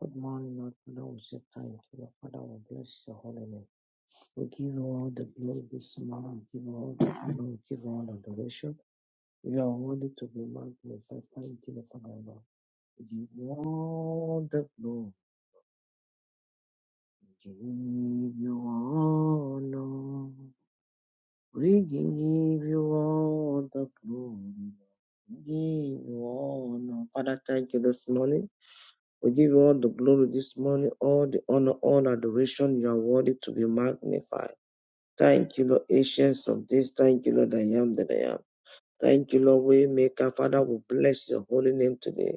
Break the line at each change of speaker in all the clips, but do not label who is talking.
Good morning, Lord Father. We say thank you, Lord Father. We bless your holy name. We give you all the glory this morning. We give you all the honor. We give you all the adoration. You are worthy to be magnified. Thank you, Lord Father. Lord. We give you all the glory. We give you honor. We give you all the glory. We give you honor. Father, thank you this morning. We give you all the glory this morning, all the honor, all adoration. You are worthy to be magnified. Thank you, Lord, ancients of this. Thank you, Lord, I am that I am. Thank you, Lord, we maker. Father, we bless your holy name today.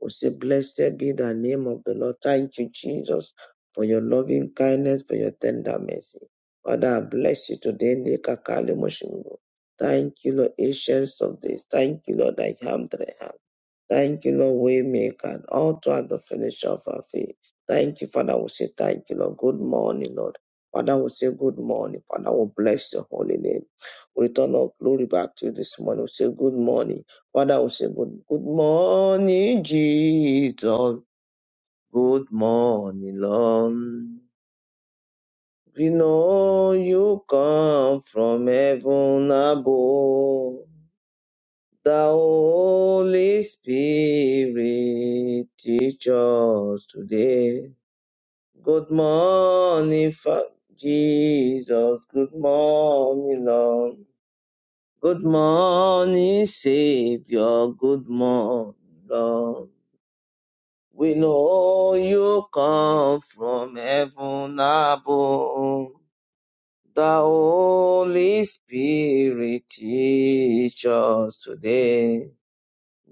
We say, blessed be the name of the Lord. Thank you, Jesus, for your loving kindness, for your tender mercy. Father, I bless you today. Lekakale moshimo. Thank you, Lord, ancients of this. Thank you, Lord, I am that I am. Thank you, Lord, Waymaker, and all throughout the finisher of our faith. Thank you, Father. We say thank you, Lord. Good morning, Lord. Father, we say good morning. Father, we bless your holy name. We return our glory back to you this morning. We say good morning. Father, we say good, good morning, Jesus. Good morning, Lord. We know you come from heaven above. The Holy Spirit teach us today. Good morning, Fa- Jesus. Good morning, Lord. Good morning, Savior. Good morning, Lord. We know you come from heaven above. The Holy Spirit teach us today.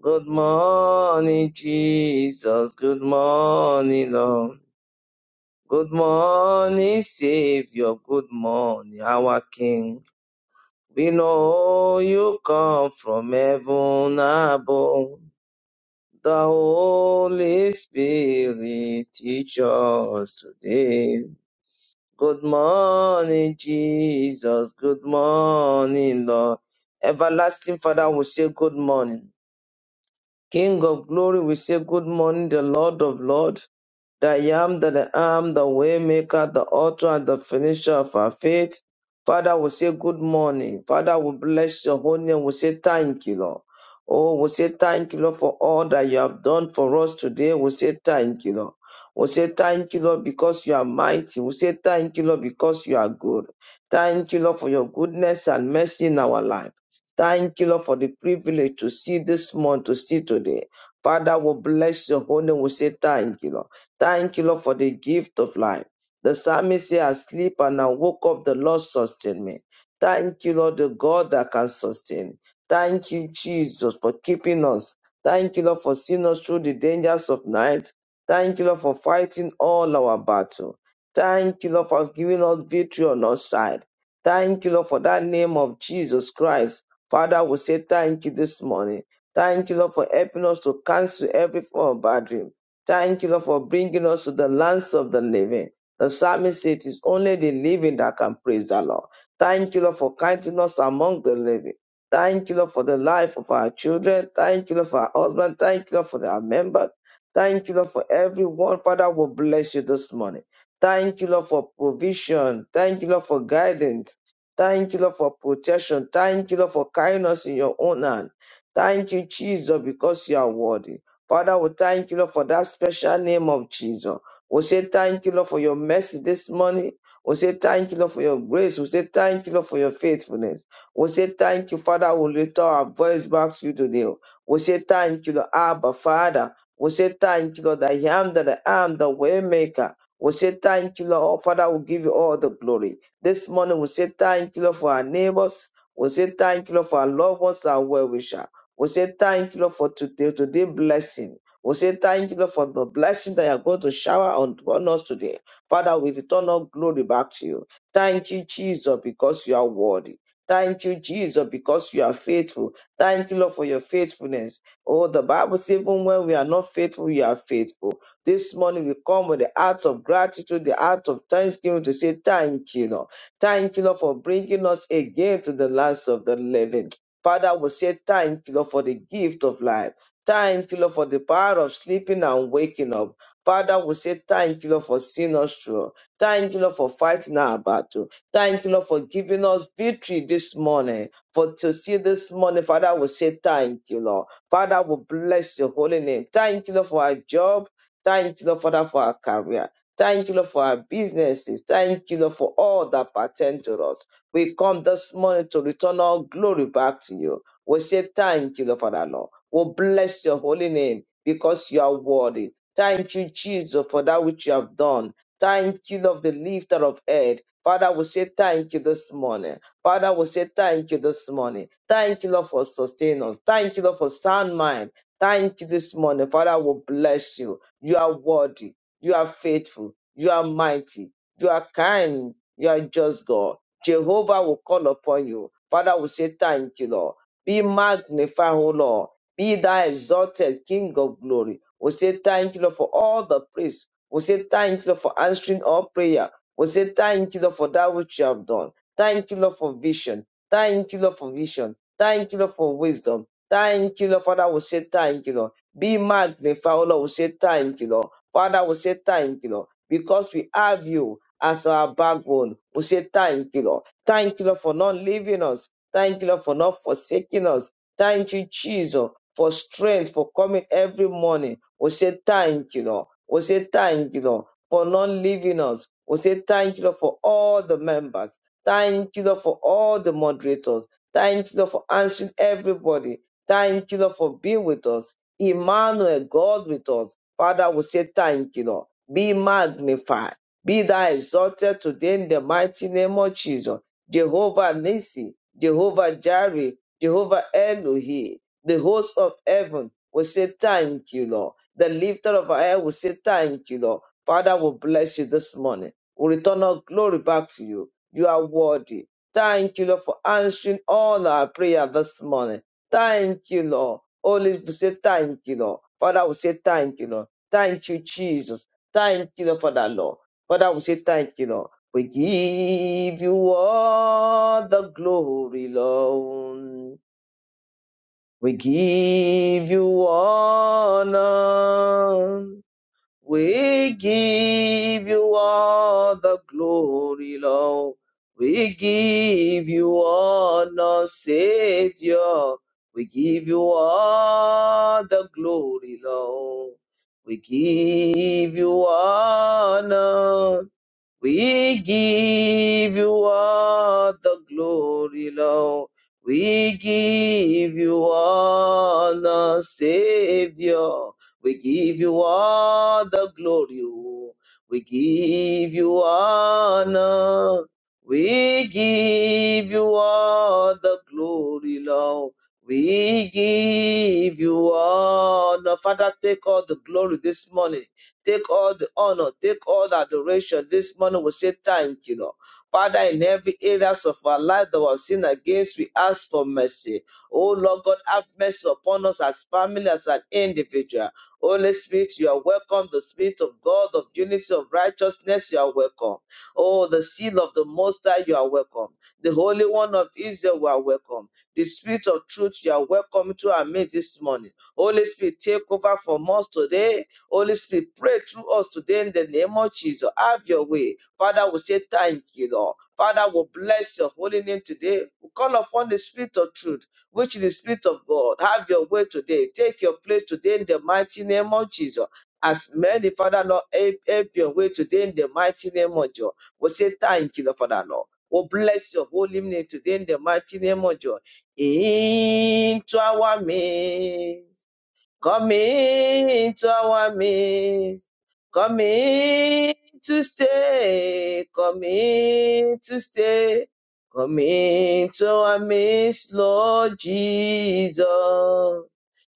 Good morning, Jesus. Good morning, Lord. Good morning, Savior. Good morning, our King. We know you come from heaven above. The Holy Spirit teach us today. Good morning, Jesus. Good morning, Lord. Everlasting Father will say good morning. King of glory, we say good morning, the Lord of Lord that I am that I am, the way maker, the author and the finisher of our faith. Father, we say good morning. Father, we bless your holy name. We say thank you, Lord. Oh, we say thank you, Lord, for all that you have done for us today. We say thank you, Lord. We say thank you, Lord, because you are mighty. We say thank you, Lord, because you are good. Thank you, Lord, for your goodness and mercy in our life. Thank you, Lord, for the privilege to see this month, to see today. Father, we bless your holy name. We say thank you, Lord. Thank you, Lord, for the gift of life. The psalmist said, I sleep and I woke up, the Lord sustained me. Thank you, Lord, the God that can sustain. Thank you, Jesus, for keeping us. Thank you, Lord, for seeing us through the dangers of night. Thank you, Lord, for fighting all our battle. Thank you, Lord, for giving us victory on our side. Thank you, Lord, for that name of Jesus Christ. Father, we say thank you this morning. Thank you, Lord, for helping us to cancel every form of bad dream. Thank you, Lord, for bringing us to the lands of the living. The psalmist said it is only the living that can praise the Lord. Thank you, Lord, for kindness among the living. Thank you, Lord, for the life of our children. Thank you, Lord, for our husband. Thank you, Lord, for our members. Thank you, Lord, for everyone. Father, will bless you this morning. Thank you, Lord, for provision. Thank you, Lord, for guidance. Thank you, Lord, for protection. Thank you, Lord, for kindness in your own hand. Thank you, Jesus, because you are worthy. Father, we thank you, Lord, for that special name of Jesus. We say thank you, Lord, for your mercy this morning. We say thank you, Lord, for your grace. We say thank you, Lord, for your faithfulness. We say thank you, Father. We lift our voice back to you today. We say thank you, Lord, Abba, Father. We say thank you, Lord, that I am that I am the way maker. We say thank you, Lord. Oh, Father, we give you all the glory. This morning, we say thank you, Lord, for our neighbors. We say thank you, Lord, for our loved ones, our well wishers. We say thank you, Lord, for today, today blessing. We say thank you, Lord, for the blessing that you are going to shower on, on us today. Father, we return all glory back to you. Thank you, Jesus, because you are worthy. Thank you, Jesus, because you are faithful. Thank you, Lord, for your faithfulness. Oh, the Bible says, even when we are not faithful, you are faithful. This morning we come with the heart of gratitude, the heart of thanksgiving to say thank you, Lord. Thank you, Lord, for bringing us again to the lands of the living. Father, we say thank you, Lord, for the gift of life. Thank you, Lord, for the power of sleeping and waking up. Father, we say thank you, Lord, for seeing us through. Thank you, Lord, for fighting our battle. Thank you, Lord, for giving us victory this morning. For to see this morning, Father, we say thank you, Lord. Father, we bless your holy name. Thank you, Lord, for our job. Thank you, Lord, Father, for our career. Thank you, Lord, for our businesses. Thank you, Lord, for all that pertain to us. We come this morning to return all glory back to you. We say thank you, Lord Father Lord. We bless your holy name because you are worthy. Thank you, Jesus, for that which you have done. Thank you, Lord, the lifter of head. Father, we say thank you this morning. Father, we say thank you this morning. Thank you, Lord, for sustaining us. Thank you, Lord, for sound mind. Thank you this morning. Father, we bless you. You are worthy. You are faithful. You are mighty. You are kind. You are just God. Jehovah will call upon you. Father will say, Thank you, Lord. Be magnified, O Lord. Be thou exalted, King of glory. We say, Thank you, Lord, for all the praise. We say, Thank you, Lord, for answering all prayer. We say, Thank you, Lord, for that which you have done. Thank you, Lord, for vision. Thank you, Lord, for vision. Thank you, Lord, for wisdom. Thank you, Lord, Father. We say, Thank you, Lord. Be magnified, O Lord. We say, Thank you, Lord. Father, we say, Thank you, Lord because we have you as our backbone. We say thank you, Lord. Thank you, Lord, for not leaving us. Thank you, Lord, for not forsaking us. Thank you, Jesus, for strength, for coming every morning. We say thank you, Lord. We say thank you, Lord, for not leaving us. We say thank you, Lord, for all the members. Thank you, Lord, for all the moderators. Thank you, Lord, for answering everybody. Thank you, Lord, for being with us. Emmanuel, God with us. Father, we say thank you, Lord be magnified. Be thou exalted today in the mighty name of Jesus. Jehovah Nissi, Jehovah Jireh, Jehovah Elohi, the host of heaven will say thank you, Lord. The lifter of our head will say thank you, Lord. Father will bless you this morning. We return our glory back to you. You are worthy. Thank you, Lord, for answering all our prayer this morning. Thank you, Lord. Holy, we say thank you, Lord. Father, we say thank you, Lord. Thank you, Jesus. Thank you, Lord, for that, Lord. Father, we say thank you, Lord. We give you all the glory, Lord. We give you honor. We give you all the glory, Lord. We give you honor, Savior. We give you all the glory, Lord. We give you honor. We give you all the glory, Lord. We give you all the Savior. We give you all the glory. oh. We give you honor. We give you all the glory, Lord. We give you honor. Father, take all the glory this morning. Take all the honor, take all the adoration. This morning we say thank you, Lord. Father, in every areas of our life that we have sinned against, we ask for mercy. Oh Lord God, have mercy upon us as family, as an individual. Holy Spirit, you are welcome. The Spirit of God, of unity, of righteousness, you are welcome. Oh, the seal of the Most High, you are welcome. The Holy One of Israel, you are welcome. The Spirit of truth, you are welcome to our midst this morning. Holy Spirit, take over from us today Holy Spirit, pray through us today in the name of Jesus. Have your way. Father, we say thank you, Lord. Father, we bless your holy name today. We call upon the Spirit of truth, which is the Spirit of God. Have your way today. Take your place today in the mighty name of Jesus. As many, Father, Lord, help, help your way today in the mighty name of Jesus. We say thank you, Lord, Father, Lord. We bless your holy name today in the mighty name of Jesus. Into our midst. Come to our midst. Come in to stay. Come in to stay. Come to our midst, Lord Jesus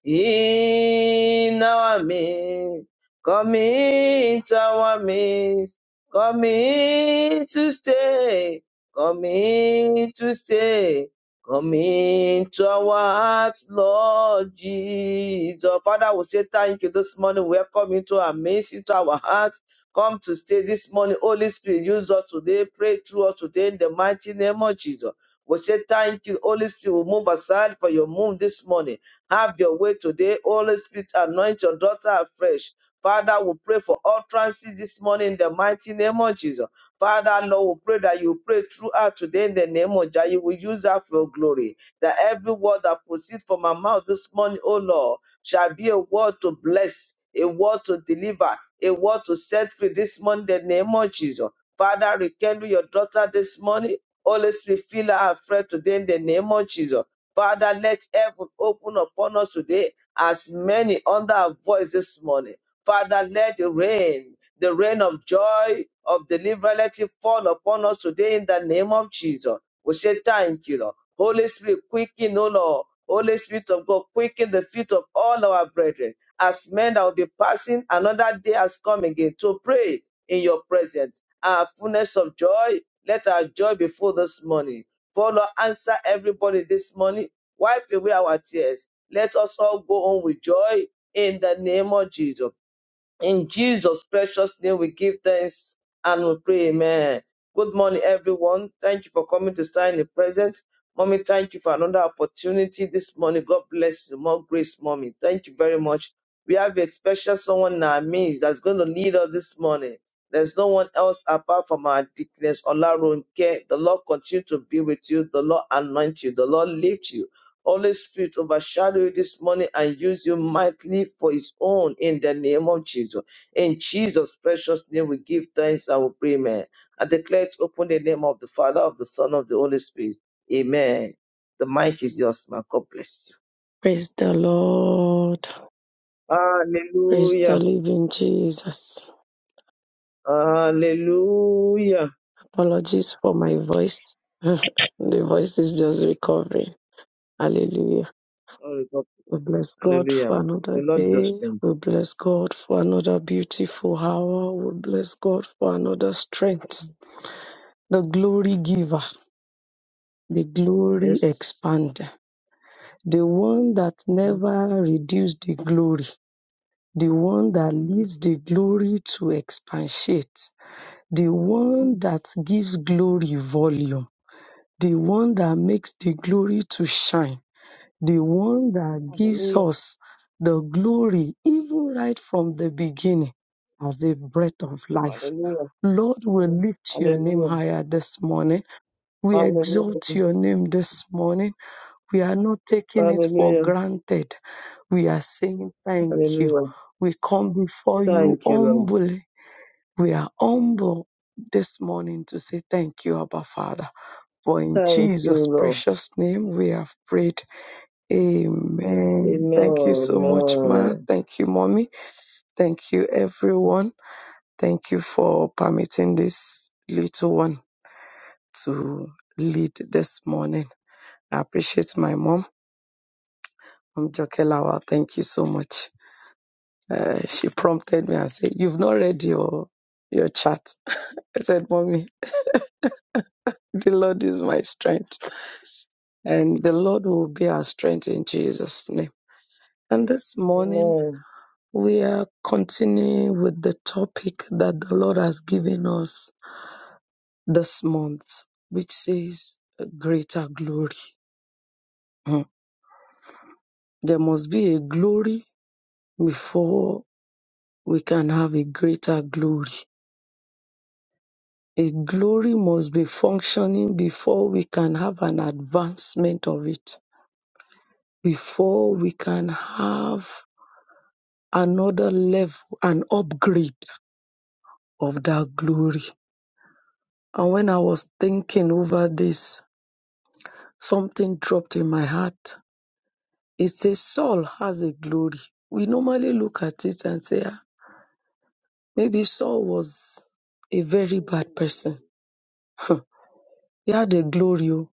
in our midst. Come into our midst. Come in to stay. Come in to stay. Come into our hearts, Lord Jesus. Father, we say thank you this morning. Welcome into our midst, into our hearts. Come to stay this morning. Holy Spirit, use us today. Pray through us today in the mighty name of Jesus. We say thank you, Holy Spirit. We move aside for your move this morning. Have your way today. Holy Spirit, anoint your daughter afresh. Father, we pray for utterances this morning in the mighty name of Jesus. Father, Lord, we pray that you pray throughout today in the name of Jah. You will use that for your glory. That every word that proceeds from my mouth this morning, O Lord, shall be a word to bless, a word to deliver, a word to set free this morning in the name of Jesus. Father, rekindle your daughter this morning. Holy Spirit, fill her afresh today in the name of Jesus. Father, let heaven open upon us today as many under our voice this morning. Father, let the rain, the rain of joy, of deliverance, let it fall upon us today in the name of Jesus. We say thank you, Lord. Holy Spirit, quicken, O Lord. Holy Spirit of God, quicken the feet of all our brethren. As men that will be passing, another day has come again to pray in your presence. Our fullness of joy, let our joy be full this morning. For Lord, answer everybody this morning. Wipe away our tears. Let us all go on with joy in the name of Jesus. In Jesus' precious name, we give thanks and we pray, Amen. Good morning, everyone. Thank you for coming to stand in the present. Mommy, thank you for another opportunity this morning. God bless you. More grace, Mommy. Thank you very much. We have a special someone in our midst that's going to lead us this morning. There's no one else apart from our deaconess, Olarunke. The Lord continue to be with you. The Lord anoint you. The Lord lift you. Holy Spirit, overshadow you this morning and use you mightily for His own in the name of Jesus. In Jesus' precious name, we give thanks and we pray, amen. I declare to open the name of the Father, of the Son, of the Holy Spirit. Amen. The mic is yours, man. God bless
Praise the Lord.
you.
Praise the
Hallelujah.
living Jesus.
Hallelujah.
Apologies for my voice. the voice is just recovering. Hallelujah.
Glory to God.
We bless God
Hallelujah. Ma.
for
The
another
Lord is your
day.
strength.
We bless God for another beautiful hour. We bless God for another strength. The glory giver, the glory
Yes.
expander, the one that never reduced the glory, the one that leaves the glory to expatiate the one that gives glory volume, the one that makes the glory to shine, the one that gives
Hallelujah.
us the glory even right from the beginning as a breath of life.
Hallelujah.
Lord, we lift your name
Hallelujah.
higher this morning. We exalt
Hallelujah.
your name this morning. We are not taking it for
Hallelujah.
granted. We are saying thank you.
Hallelujah.
We come before you
Thank you, Lord.
humbly we are humble this morning to say thank you, Abba Father. For in
Thank you,
Jesus'
Lord.
precious name we have prayed. Amen. Thank you so
Amen.
much, Ma.
Amen.
Thank you, Mommy. Thank you, everyone. Thank you for permitting this little one to lead this morning. I appreciate my mom. I'm Jokelawa. Thank you so much. Uh, she prompted me and said, You've not read your your chat. I said, Mommy, the Lord is my strength. and the Lord will be our strength in Jesus' name. And this morning,
Amen.
we are continuing with the topic that the Lord has given us this month, which says greater glory. Mm. There must be a glory before we can have a greater glory. A glory must be functioning before we can have an advancement of it, before we can have another level, an upgrade of that glory. And when I was thinking over this, something dropped in my heart. It says Saul has a glory. We normally look at it and say, "Ah, maybe Saul was a very bad person. Huh. he had a glory, oh,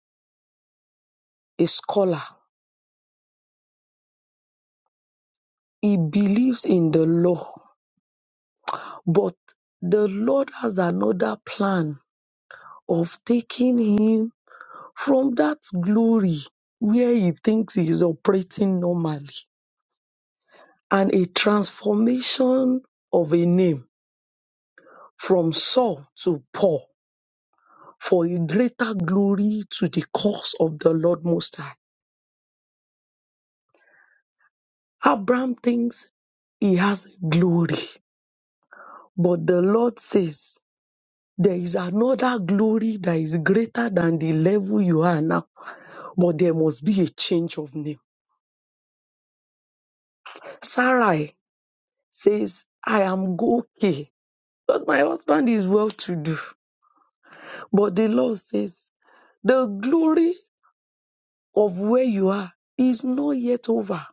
a scholar. He believes in the law, but the Lord has another plan of taking him from that glory where he thinks he is operating normally and a transformation of a name from Saul to Paul for a greater glory to the cause of the Lord Most High. Abraham thinks he has glory, but the Lord says there is another glory that is greater than the level you are now, but there must be a change of name. Sarai says, I am okay because my husband is well to do, but the Lord says, the glory of where you are is not yet over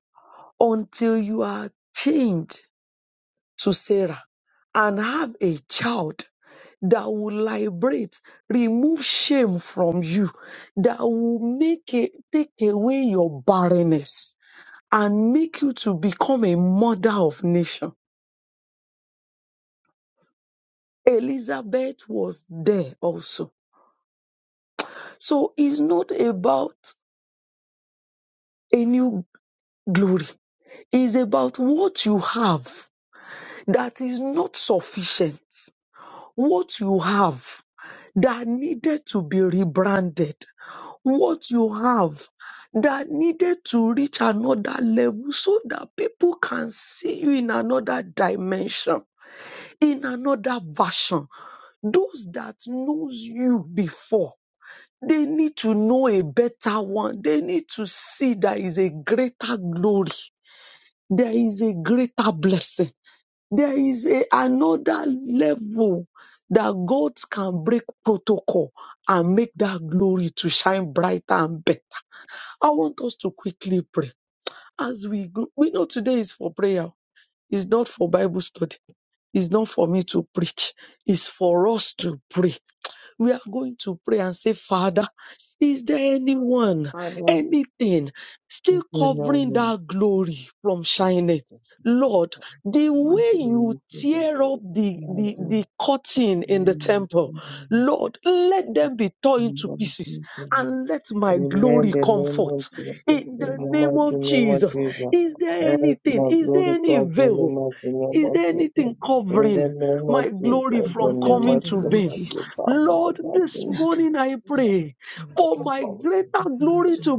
until you are changed to Sarah and have a child that will liberate, remove shame from you, that will make it, take away your barrenness and make you to become a mother of nation. Elizabeth was there also. So it's not about a new glory. It's about what you have that is not sufficient. what you have that needed to be rebranded, what you have that needed to reach another level so that people can see you in another dimension, in another version. Those that knows you before, they need to know a better one. They need to see there is a greater glory. There is a greater blessing there is a, another level that God can break protocol and make that glory to shine brighter and better. I want us to quickly pray as we go. We know today is for prayer. It's not for Bible study. It's not for me to preach. It's for us to pray we are going to pray and say, Father, is there anyone,
Father,
anything still
thank you,
covering
Lord.
that glory from
Thank
shining?
you, Jesus.
Lord, the
Send out
Mighty
way
heaven,
you
name of Jesus.
tear up
glory from
the,
Amen.
the,
Friday.
the curtain in the
Amen.
temple,
Amen.
Lord, let them be torn into
Amen.
pieces
Amen. Amen.
and let my
My
glory
The
come
name of
forth.
Jesus.
In
In
the
the
name
mighty
of
name
name of
Jesus,
for
Jesus.
is there
Let
anything?
my
Is there
glory
any
come from the
veil?
mighty name
Is
of
there
until
Jesus.
anything
any
In
time
the
covering
name of
my
Jesus.
glory
In
from
the
God in
coming
the
mighty
is
to
to
name
name
be
of
be?
of
Jesus.
Jesus.
seen from
In the
that
Lord,
mighty
this
name
American
Amen. Father,
morning I pray
of
for my
Jesus.
kitchen. Thank
greater
in
glory to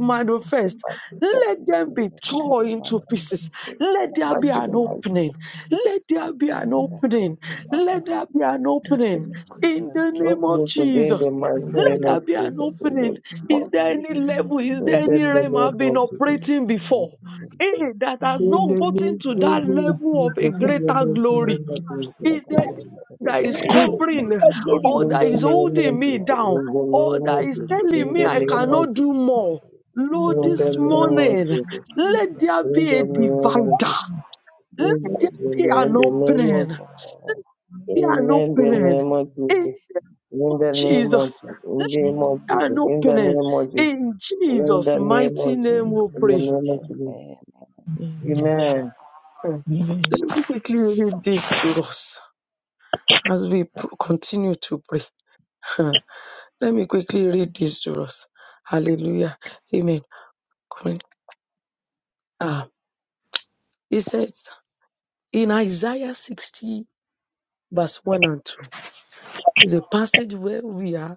the
manifest.
mighty name
Let
you
them
of
be
Jesus. Thank you for the minute
torn
Jesus.
of my
into
life.
pieces. Let there
the
Thank
Mighty,
name of
be
the mighty
you,
an
name of
Jesus.
opening. Let there
Thank
be
Jesus.
an
you, Lord.
opening.
Thank you,
Let there
Lord.
be an opening in the
Not
name
Jesus,
of
you
Thank you,
today in the
Jesus.
Jesus.
mighty
anything
Let
name
there
of
be an
Jesus. In
opening.
the name
Is
of
there any
Jesus.
level? Is there
In the
any
name
realm I've been
of Jesus.
operating
Thank
before?
you,
He
Jesus.
that has
I'm going
In
to
not
the
do
name
gotten
an
to that
opener.
level of
of
a greater
Thank
Jesus.
you,
glory
Jesus. Make
is
our
the
God. bless
that is
In
you.
the
covering
glory
or that is
name
holding
of
me
Jesus. In the
down
name
or
of
that is
Jesus. In
telling
the
me I
name of
cannot
Jesus.
do more. Lord,
In the
this
name of
morning,
Jesus,
let there
in
be a
the name of
divider.
Jesus,
Let
in the name of Jesus, in the name of Jesus, in the name of Jesus, in the name of Jesus,
there be
in
an
the name of
opening. Be an
In the
opening
name of Jesus.
in
In the name of
Jesus.
Jesus.
Let there be an
In the
opening
name of Jesus.
in
In the name of Jesus. In
Jesus'
the name
mighty
of Jesus.
name. We
In the
pray.
name of Jesus. Amen.
Let me quickly read this to us. As we p- continue to pray, let me quickly read this to us. Hallelujah. Amen. Come in. Ah, he says in Isaiah 60, verse 1 and 2, is a passage where we are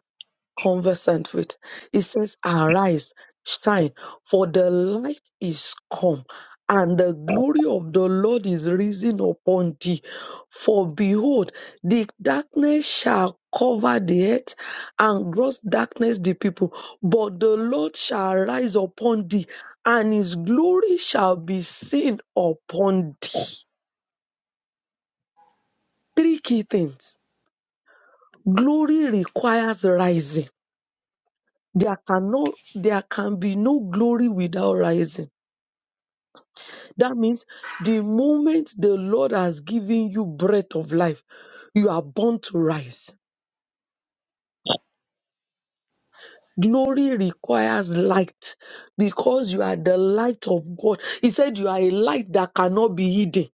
conversant with. It says, Arise, shine, for the light is come, and the glory of the Lord is risen upon thee. For behold, the darkness shall cover the earth, and gross darkness the people. But the Lord shall rise upon thee, and his glory shall be seen upon thee. Three key things. Glory requires rising There can no, there can be no glory without rising. That means the moment the Lord has given you breath of life, you are born to rise. Glory requires light because you are the light of God. He said you are a light that cannot be hidden.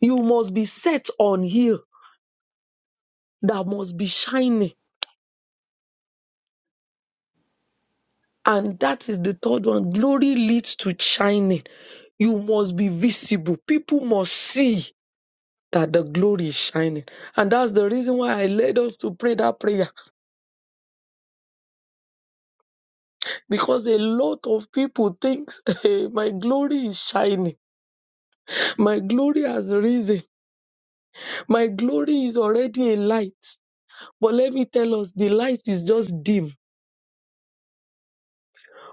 You must be set on hill that must be shining. And that is the third one. Glory leads to shining. You must be visible. People must see. that the glory is shining. And that's the reason why I led us to pray that prayer because a lot of people think "Hey, my glory is shining. My glory has risen. My glory is already a light. But let me tell us, the light is just dim.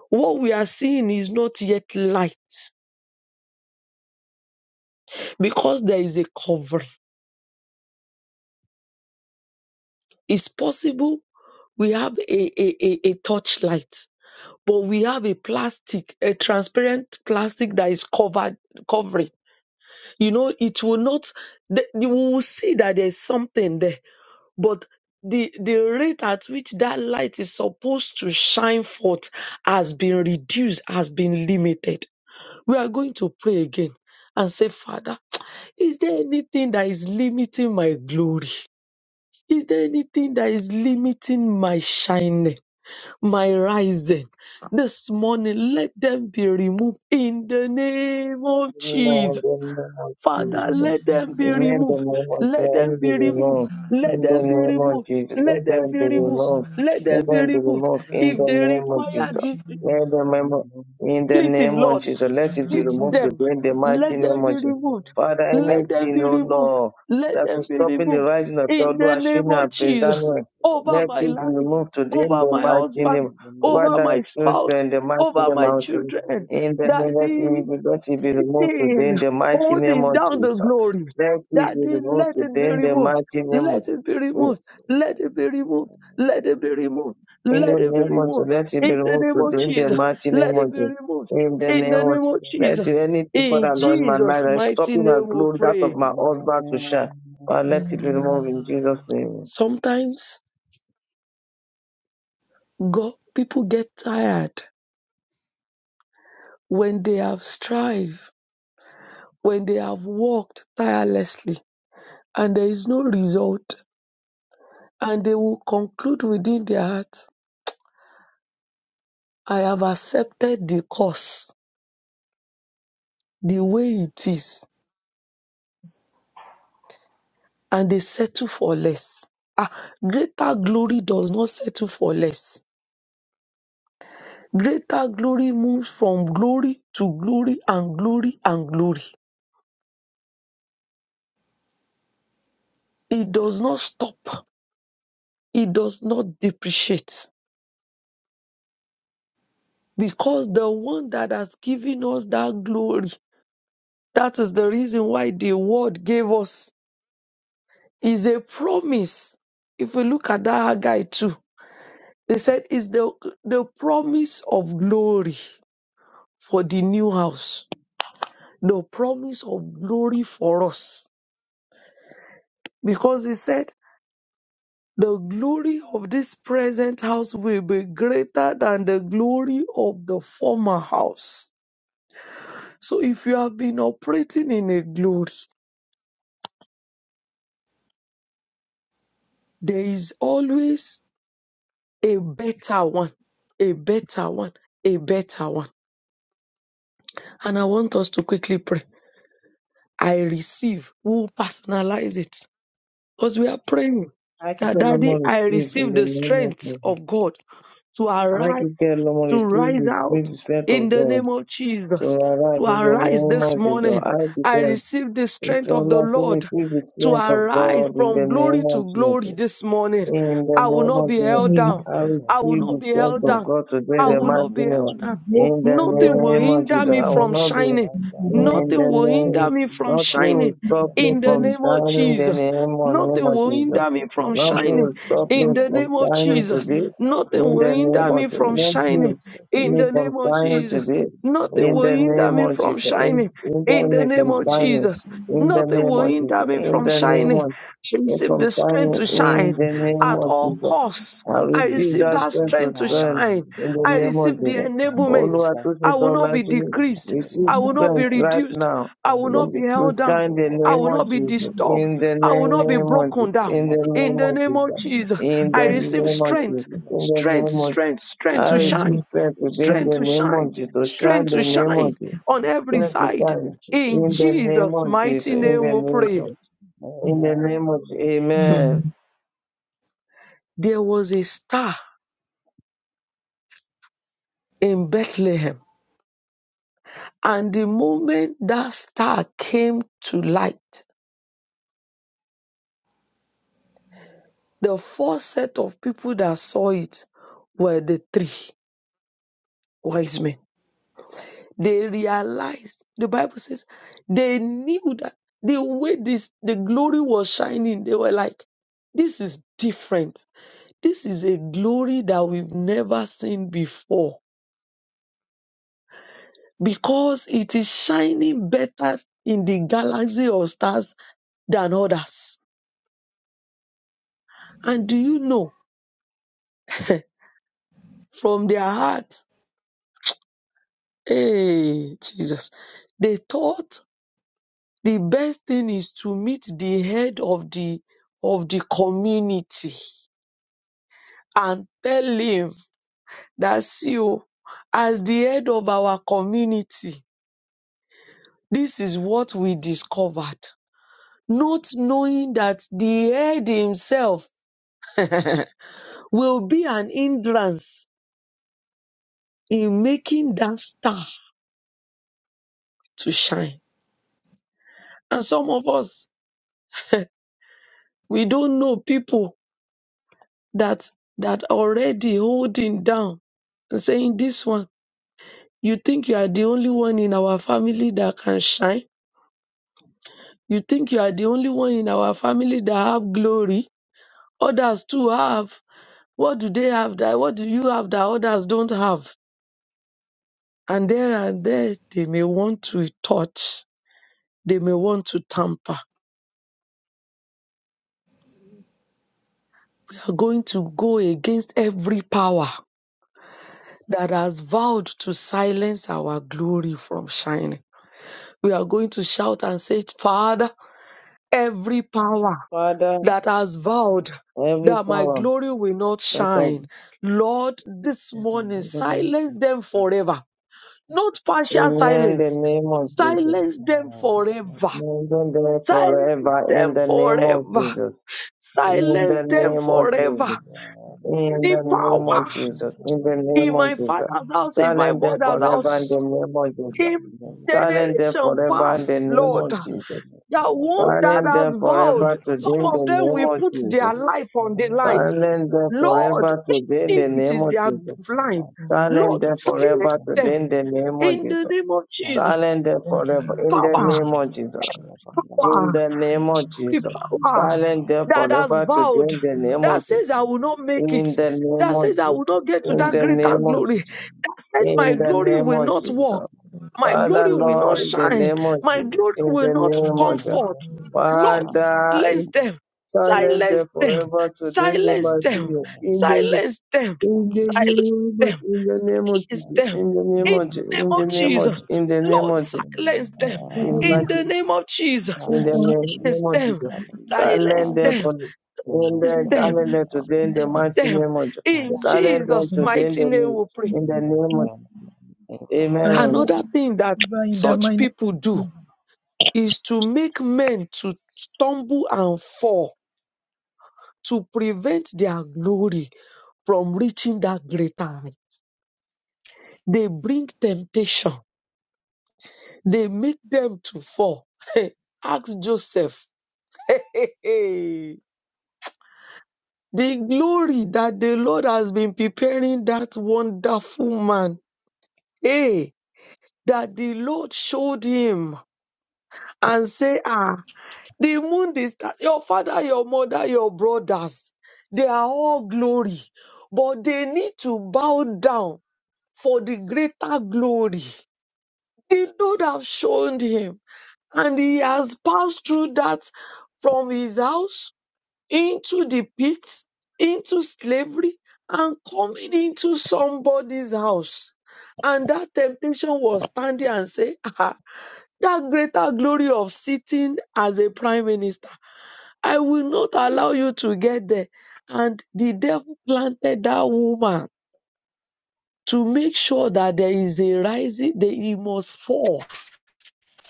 What we are seeing is not yet light because there is a covering. It's possible we have a, a, a a torchlight, but we have a plastic, a transparent plastic that is covered covering you know it will not the, you will see that there's something there but the the rate at which that light is supposed to shine forth has been reduced has been limited we are going to pray again and say father is there anything that is limiting my glory is there anything that is limiting my shining my rising this morning. Let them be removed in the name of
Amen. The
Jesus.
name of
Father,
Jesus.
let them be
Amen. The
removed.
name of
Let
God
them
Let them
be
be
removed.
removed.
Let
In the
them be
name of
removed.
Jesus.
Let
Let
them
them
be
be
removed.
removed.
Let
Let
them be
them be
removed.
so
removed in
If
the
they
name of
require
Jesus.
this
Let them remove. In the
splitting,
name of
Lord,
Jesus. Let it be
split
removed
them.
today in the mighty
Let
name
them be
of Jesus.
removed.
Father,
Let them
anything,
be
oh
removed.
Lord,
Let
that
them
is
be
stopping the
removed.
rising of your
In the
Lord,
name
Ashina
of
and Prince
Jesus,
Daniel,
over
let
my
it be
life
removed today in
over
the
my
mighty
husband,
name. Over
over
their
my spouse,
children, the mighty
over
Thank
name
my
of Jesus.
children.
In the name let me
Daddy,
be, let it be removed today
anything
in the mighty name
holding
of
down the
Jesus.
glory.
Let it be
Daddy,
removed
let it
today
be
in the
removed.
mighty name of
Let it be
in
removed. Let it be removed. Let it be removed.
in
Let
the
it be
name of Jesus.
removed.
Let it be
In the
removed
name of
today in the
Jesus,
mighty name
let
of
it be
Jesus.
removed.
In the
In
name
the
of
name
Jesus.
of
Let it-
Jesus.
any people
In
that are in my life
Jesus'
that is
mighty
stopping my
name we
glory that of
pray.
my husband to shine. But let it be removed
Amen.
in Jesus' name.
Sometimes God people get tired when they have strived. when they have worked tirelessly and there is no result, and they will conclude within their heart, I have accepted the course the way it is, and they settle for less. Ah, greater glory does not settle for less. Greater glory moves from glory to glory and glory and glory. It does not stop, it does not depreciate, because the one that has given us that glory That is the reason why the word gave us is a promise. If we look at that guy too, they said it's the the promise of glory for the new house, the promise of glory for us, because he said the glory of this present house will be greater than the glory of the former house. So if you have been operating in a glory, there is always a better one, a better one, a better one. And I want us to quickly pray. I receive. We'll personalize it because we are praying
I can
that,
tell no
Daddy,
more
I
receive in
receive
the
the
name of
strength
Jesus.
of God to
I can
arise,
tell no more
to
receive
rise
the
out
spirit, the spirit
in
of
the
God.
name of
To
Jesus.
arise
To
in the
arise this
name of Jesus.
morning,
I
I
declare
receive the
With
strength
your
of the
Lord, we
Lord
retrieve the
to
strength of
arise
God in
from
the
glory
name of
to
Jesus.
glory this morning.
In the
I will
name
not
of
be
Jesus,
held
be
down.
I
I will
receive the
not be
strength
held
of
down.
God today,
I
the
will not
mighty
be
name.
held down.
In the
Nothing will
name of
hinder
Jesus,
me
I will
from
not be.
shining.
In
Nothing
the
will hinder
name,
me from
nothing will
shining
stop me
in the
from
name of
you.
shining. The
Jesus.
name of name
Nothing
of
will
Jesus,
hinder me from
lots of them
nothing
shining
will
and
stop me
in the
from
name of
shining
Jesus.
then
today.
Nothing
In
will
the name
hinder
of
me
Jesus,
from
my
shining
nothing
teachers have
in
will stop me
the
from
name of
shining
Jesus.
today.
mentioned and
Nothing
In
will
the
also
hinder
name
me
of
family
from
Jesus,
have
in
shining
hinder
in the
me
name
from
of
my
shining.
Jesus.
teachers
In the
Nothing
name
will
of
naturally
hinder
Jesus,
me
and
in
from
the
also
name
shining.
of
I
Yet
receive
from
the
time
strength to
my
in
shine
the
teachers
name
at
of
all
Jesus.
costs.
I
I
naturally she
receive
receive
that
that
does from
strength to
strength to
time
stand
and
shine.
in the
I
then
name of
receive the
Jesus.
and the silk
enablement.
Olúwa
that
tó ṣe
I
sọ
you
will not be
láti ní,
and
decreased.
receive
I will not be
strength right
reduced.
now
I will not be
the
to
held
others
down.
so
stand in the
how
I
we
name
will
of
not be
do
Jesus.
it
disturbed.
In the
I will
and
not be
not
name of
broken
Jesus.
down.
I'm
In the
not the
In
name
the
of
name
distracted
of
Jesus.
Jesus,
In
I
I
the
not
receive
name of
strength
Jesus.
exactly
In the
strength,
name of
strength,
I'm
strength
I
to
man, Jai
receive
Hind,
shine,
management
strength
Dr.
today in
strength
the
to
Sharma,
name of
shine,
Jesus. To
Madam,
shine
strength to
the name
Dr.
shine
of Jesus.
Susan,
on every
Strength to
side.
shine
Dr.
In
in the
Susan,
name
Jesus'
of Jesus.
mighty
Dr.
In
name
the
we
name of
Susan,
pray.
Jesus. In the name of Jesus.
Madam,
Hmm.
team.
Amen.
There was a star in Bethlehem, and the moment that star came to light, the first set of people that saw it were the three wise men. They realized, the Bible says, they knew that the way this, the glory was shining, they were like, this is different. This is a glory that we've never seen before because it is shining better in the galaxy of stars than others. And do you know, from their hearts, hey, Jesus, they thought the best thing is to meet the head of the of the community and tell him that see o, as the head of our community, this is what we discovered. Not knowing that the head himself will be an hindrance in making that star to shine. And some of us, we don't know people that that already holding down and saying this one, you think you are the only one in our family that can shine? You think you are the only one in our family that have glory? Others too have. What do they have that? What do you have that others don't have? And there and there, they may want to touch. They may want to tamper. They are going to go against every power that has vowed to silence our glory from shining. We are going to shout and say, Father, every power
Father,
that has vowed
every
that my
power
glory will not
that of
shine. Lord, this morning, silence them forever. Not partial
Amen. The
silence.
Sami
name of Jesus.
Susan,
Silence them
Thank
forever.
Saraswati,
Amen. There
Silence
forever
Dr.
in
them
the name of
Susan,
forever.
Jesus.
Sami
In
Silence
the
them
name of
Stanford,
forever.
Jesus. In
The
the name
power
of
Madam,
Jesus. In the
man,
name
in
of
my
Jesus.
father's house,
the
in my
Silent
power
there
mother's
of
forever
love
in
house,
the name of
in
Jesus.
in
your life
Silent there
generation
is my
forever in the
past,
life,
name
Lord.
and
of Jesus.
the power
That
of love
one that
in
Silent
has
there
vowed,
forever
your
today
some
in the
of
life.
them
name
will
of
put their
Jesus.
life on the
Never
line.
Silent there
Lord,
forever today in
If
the
let
it
name
is
of
their
Jesus.
us,
blind,
Silent
Lord,
death forever
silence
today
them
in the name of
in the
Jesus.
name of
Thank you,
Jesus.
Silent
Jesus.
death forever in the
So
Power,
name
much
of
thank
Jesus.
you, Lord, for love.
In
power,
the name of
Thank
okay,
Jesus.
you,
power
Jesus.
Silent
God,
death
we
that
love
has
forever
you.
today
vowed,
in the name
Thank
that
of
you,
Jesus.
says I will
Jesus.
not make it,
In the
God, we
name
that
love
of
you.
says I will
Jesus.
not get
So
to
In
that
the
let me
greater
name
see
of
glory,
you.
Jesus.
that said my
In
Let
the
me
glory
name
will
of
give it
not
to you.
walk,
Jesus.
my
Father
glory will not
Please
Lord, in the
Thank you, Lord,
shine,
name of
my
Jesus.
for
glory
In
this.
will
the
not
name
come
of
My
Jesus.
forth.
very
Lord,
son.
Father,
silence
in
them,
Thank
silent
you,
silence them,
Jesus.
forever today in the
silence
Amen.
them,
mighty
Amen.
name.
silence them,
In
Thank
the
you, Jesus.
silence
name of
them.
Thank
in the name of
Please
Jesus,
them
in the name
in
of Jesus,
the
you,
name
in
of
the name of Jesus,
Jesus.
Jesus.
in the name
Lord,
of
Thank you,
Jesus,
Jesus.
silence them
in
Over
Amen.
in the
magic,
name of Jesus.
in the
Bless them,
name,
Silence
name of
Lord.
them.
Jesus.
Silence
Silent
Hallelujah.
them
them.
for me. In
Bless
Silence
the
them,
them.
silent them today in the
Lord.
Silence
mighty
them.
name of Jesus.
Thank
In
you,
Silent them
Jesus'
Jesus.
today in
mighty
the
name
name,
we pray.
in the
Bless
name of
them, Lord. Amen.
Amen.
Another thing that
in the
such
mind
people do is to make men to stumble and fall to prevent their glory from reaching that greater height. They bring temptation They make them to fall. Ask Joseph. the glory that the Lord has been preparing that wonderful man. Hey, that the Lord showed him and say, ah, the moon, is your father, your mother, your brothers, they are all glory, but they need to bow down for the greater glory. The Lord have shown him. and he has passed through that from his house into the pit, into slavery, and coming into somebody's house. And that temptation was standing and say, ah, that greater glory of sitting as a prime minister. I will not allow you to get there. And the devil planted that woman to make sure that there is a rising, that he must fall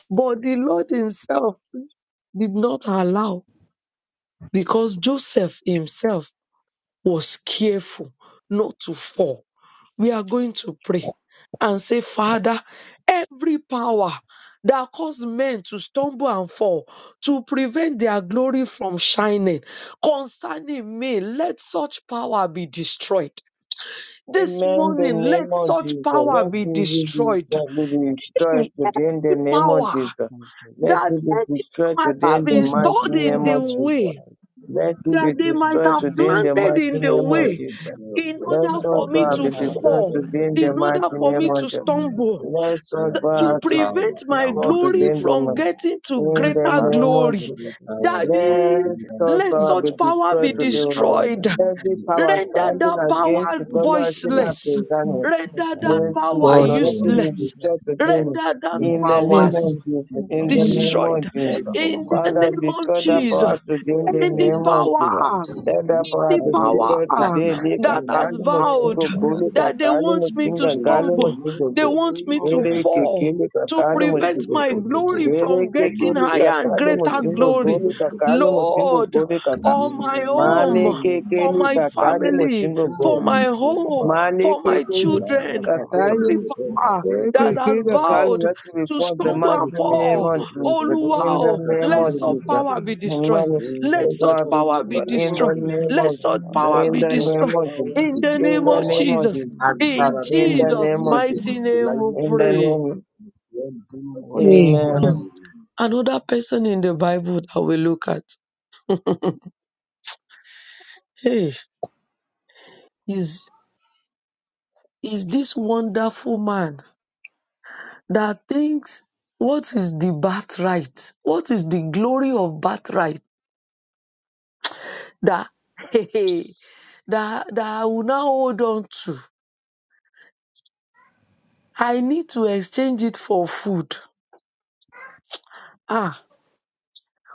but the Lord himself did not allow because Joseph himself was careful not to fall. We are going to pray and say, Father, every power that caused men to stumble and fall to prevent their glory from shining concerning me, let such power be destroyed. This
Amen. The
morning,
name
let
of
such
Jesus.
power
Let
be
Thank you,
me be
Jesus.
destroyed.
Bless
destroyed,
them,
be
Lord.
destroyed
Every
today in the
Lord.
name of
power.
Jesus.
Thank you,
Let
that
Jesus.
me be
anything
destroyed
might
Bless
today
have
in
us,
the
been
God, with
mighty
stored
this
in
name
the
of
prayer,
Jesus.
way,
Lord.
Let it
that
be
they
Thank
might
destroyed
have
you,
today
Jesus.
in the
Bless
planted
mighty
in
us
the
with
name
this
of
Yes,
way
prayer,
Jesus.
Lord.
yes,
in
so
Let
order
such
for me
Give
power
us
Kakete,
to
be
power to
Lebre,
destroyed
fall,
give
yes,
today in
them,
the
Ebeke,
in
Lord.
mighty
order
Kakame,
for
name
me
of
to
Ebeke,
Jesus.
Toria.
Give
stumble,
us this
Let
prayer,
such
th-
Lord,
to
power
Every
that
to
we may
power
prevent
to
my
that
be
fall
wants
this
glory
today
me
in
prayer.
to
the
from
mighty
fall,
getting to
in
my
the
greater
Thank
name
father,
of
you,
glory.
Jesus.
Jesus.
every power
Lord,
that
that
wants
we may
to
Daddy,
be
Let
hinder
this
my
such
prayer,
let
power
glory,
be
such
Lord.
power be
destroyed
every
today, O Lord.
Let
power that
destroyed.
us
wants
find
Every
me
it
to
power
Render
fall,
running
the
standing
that
in the
Lord,
mighty
the
against the
power
name of
Holy
Father,
Jesus.
voiceless.
Spirit,
sinner,
Let
Render
us
that
you
Yes, you
let
power
do
fall
us
not
for
let
find it
my
in the
be
useless.
greatest part
distracted
of this world, Lord.
again.
Render that
feet,
In
Let
the
our
that
power
name
power
you
voice.
of
be
will
s-
see
Jesus.
that
In the
destroyed.
you
name
shall
of
destroyed.
fall
Jesus.
from
In
my
Let
the
sake,
Father,
name of
destroy
you
that
shall
power
Jesus,
today in
fall
the
from
any
my
name of
sake,
Jesus.
power
Let that
you
power
the
be
cover your
power
destroyed
our
ah,
today.
power
darkness,
be
Lika
that
you must
has
kali
fall
vowed
musingo
from
go.
my sake.
destroyed.
Lika
that they
kali
want me to
My
musinga
In
good
kali
the
stumble,
Jesus,
musingo
they
mighty
go.
want
name
me
of
to
Gere
touch it
Jesus,
to
fall,
keke
the
lika
to
heaven.
kali
prevent
Kalibo
musingo
my
Koto
go.
glory
Koto,
Gere
from
keke
getting
Lord,
lika
higher
Madete
and
kali
Repo
greater
Thank
musingo
you,
go.
glory.
Konobo
Jesus.
Lika
Koto
kali
Let our
Koto,
musingo
Lord,
go.
power be
Lika ka.
on
in
my
the
destroyed.
home,
Male
name of
keke
for my
lika
Thank
Jesus,
kali
you,
family,
musingo
thank
go.
for
Jesus.
my
you,
home,
Hallelujah.
Father.
Male
for my
keke
La
Let our
children,
power
Bakate
be
every
Zebete,
power
destroyed.
that has
Rebreko
Amen.
Yekikika kali
Tonto,
That's
vowed
ngati
to
kwanza
stumble and
macho
Nikufu
fall.
nemo
Koto
Oh,
Koto, Loma
the
wow,
name
let
of
Katalin
such
Jesus,
Bete,
power be destroyed.
in the
Let such
precious
Jesus,
power be
in
name
in
of
destroyed
the
Jesus,
name
let
of
such
Jesus.
let
power be
such
destroyed
power
in
be
the
In
name
the
of
destroyed.
name of
Jesus.
Jesus.
In
Agbára tó
In the
nínú
Jesus'
name
òmìnir
of
tèmi
Jesus.
mighty
ṣe
name we
láyé.
In the name of nemo chusa mumani zabe inda nemo inda nemo inda nemo inda
pray.
nemo inda nemo
Msiabudu kwa
Hey,
Yesu.
Hmm.
amen
In
Another person in the Bible that we look at hey, is, is this wonderful man that thinks what is the birthright? What is the glory of birthright that, hey, that, that I will now hold on to? I need to exchange it for food. Ah.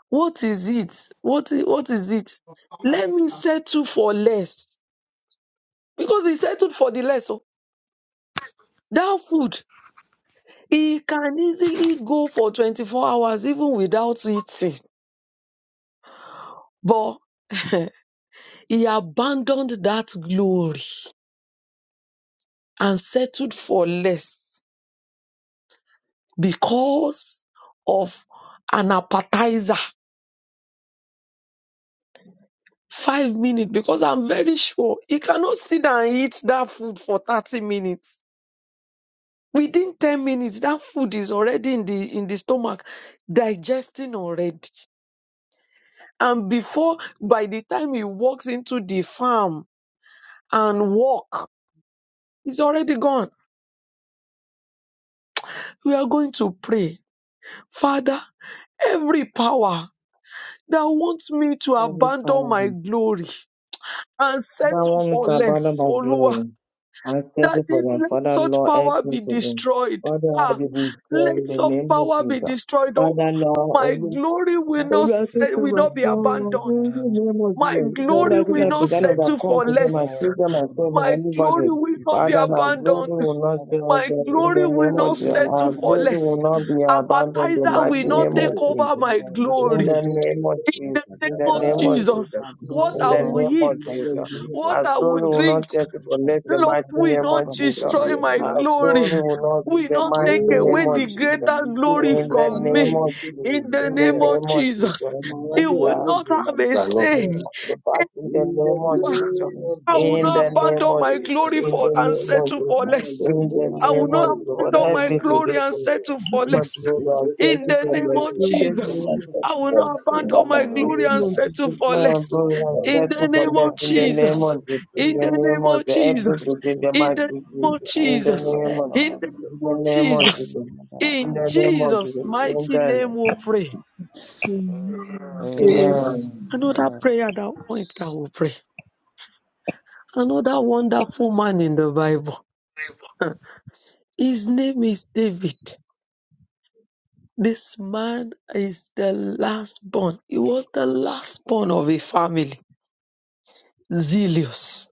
What is it? What is, what is it? Let me settle for less. Because he settled for the less. oh. That food, he can easily go for 24 hours even without eating. But he abandoned that glory and settled for less because of an appetizer. Five minutes, because I'm very sure he cannot sit down and eat that food for 30 minutes Within 10 minutes, that food is already in the in the stomach, digesting already. And before, by the time he walks into the farm and walk, it's already gone. We are going to pray. Father, every power that wants me to
every
abandon
power
my glory and
that
settle
want me
for
to abandon
less,
my
Oluwa,
glory I thank
that
you for
is,
my
let
father
such
Lord help
power
me
be
today
destroyed.
Father I
Ah,
will be
let
in the
such
name of
power be
Jesus
destroyed. Oh,
Father
my
Lord
glory will
Oh,
not,
what
you are
it is.
supposed
se-
to
will not be
overcome,
abandoned.
in
Amen.
the name of
My
Jesus. So
My
glory
Lord, you
will
glory
might
not
present
will not
settle
be
overcome
for
to them, my
less.
abroad
children,
in
myself, my
My glory
anybody.
thank
will
you,
not be
Father,
Jesus.
my
My
glory
glory
abandoned.
will
will not
never
stay us
My
up in
particular.
glory
the
will
name
the
of
not
You
Jesus.
never
mighty
be
settle
Our
for
name
glory
of
less.
will
abandoned.
not be
Jesus.
abandoned in the
You
Appetizer
Na
will
mighty
abandon
not
name
never
of
take
tepepe,
Jesus.
over my
satisfied.
na
In
glory.
the name of
lepepepe,
In the
Jesus,
name
in
And
the
will
of
never
name
takakataa.
of
take away
Jesus,
my
Jesus,
glory.
what
in
I
the
will
Oh,
name
Ibaraki
of
eat,
thank you,
Jesus.
Jesus.
kumekongea
what
Our
I will
glory will
drink,
not check it for
Thank
let
you,
the
Lord,
Jesus.
mighty
Never
will
take
name of
not
away my
Jesus.
kufanya
destroy my
glory.
watu wa
Our glory
glory.
Jesus.
will
Thank
not
you,
in
Will
Jesus.
the
not take
mighty name
away
of
the
Hey, mi ò
Jesus.
greater
ní
glory
gbógo
In
mi
Thank
the
you,
gbà
Jesus. Never take
from
away
mi ò
name
me.
my glory.
ní
of
gbógo
Jesus,
In
mi
the
in
Thank
the
name of
sílẹ̀.
name of Jesus.
Jesus,
Ọmọ
it
aráyé ò
will
ní
Father,
not
gbógo mi
have a
that's
gbà lọ
you.
say
you,
sẹ́.
To
Jesus.
pass in the
In the
name
I
of
will Never take
Jesus.
name
away my
of
I will
In
not
the
Jesus.
name
abandon
of
Tàwé
my
Jesus.
glory
tàwé
In
for
the
ìbà.
Thank you,
and
name
Jesus.
of
settle
Jesus.
for
Máa
less.
lé
In
Amen.
the
bẹ́ẹ̀
I
Amen.
will
name
ṣòkòtò.
of
not
Jesus. What
abandon
help
my
Yíkọ́kọ́
me
Amen.
to
glory and
tẹ́tẹ́tẹ́.
do,
settle for
not to
less.
do
Ìwé
that.
ìgbẹ́kọ̀
Help
In
me
the
to do
name
that.
Thank you,
tẹ́tẹ́tẹ́.
of
In
I
the name
Jesus.
know
Jesus,
of
Amen. Thank
myself
you
I
for
will
before
not
this.
I
Blessed
seen
be
abandon
that by
my
in
Oh,
your
the
glory and
name
amen.
of Jesus,
settle for
my
less.
God, I
Amen.
In
start
the
to
name
Amen. My
of
collect in the
glory.
name
Thank
Jesus,
of
you
Jesus,
for
in
in
the
the
this.
name
name of
of the help
Thank
me
you,
Jesus,
to give
Jesus.
the
in
mighty
the name
Jesus,
of
Thank
in the
you,
Jesus,
name.
name of,
in the
Lord.
name
in the
of
name of Jesus,
Jesus,
Amen.
in
Thank
in
the name of
Jesus'
you,
mighty
Jesus,
name
Jesus.
we pray.
Hey,
Amen.
Amen.
amen,
Another
amen.
Amen.
prayer that point that we pray. Another wonderful man in the Bible. His name is David. This man is the last born. He was the last born of a family. Zealous,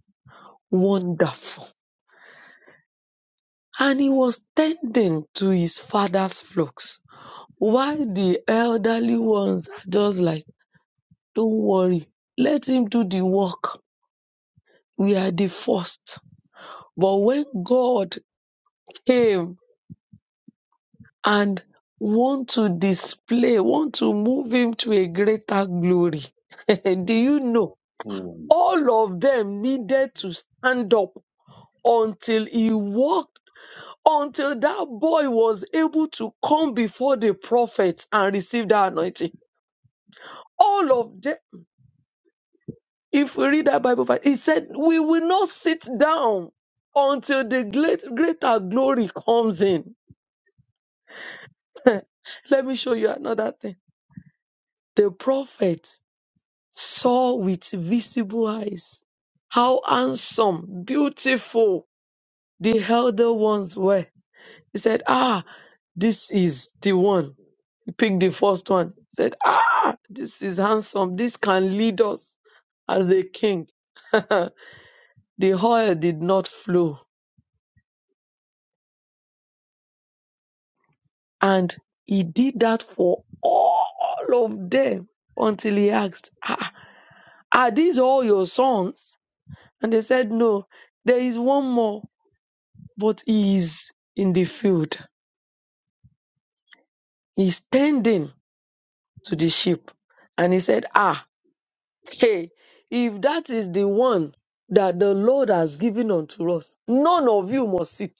wonderful. And he was tending to his father's flocks. While the elderly ones are just like, don't worry, let him do the work. We are the first. But when God came and want to display, want to move him to a greater glory, do you know?
And
all of them needed to stand up until he walked, until that boy was able to come before the prophet and receive that anointing. All of them, if we read that Bible, verse, he said, We will not sit down until the great, greater glory comes in. Let me show you another thing. The prophet saw with visible eyes how handsome, beautiful the elder ones were He said, Ah, this is the one. He picked the first one. He said, Ah, this is handsome. This can lead us as a king. the oil did not flow. And he did that for all of them until he asked, ah, Are these all your sons? And they said, No, there is one more, but he is in the field. He's tending to the sheep. And he said, Ah, Hey, if that is the one that the Lord has given unto us, none of you must sit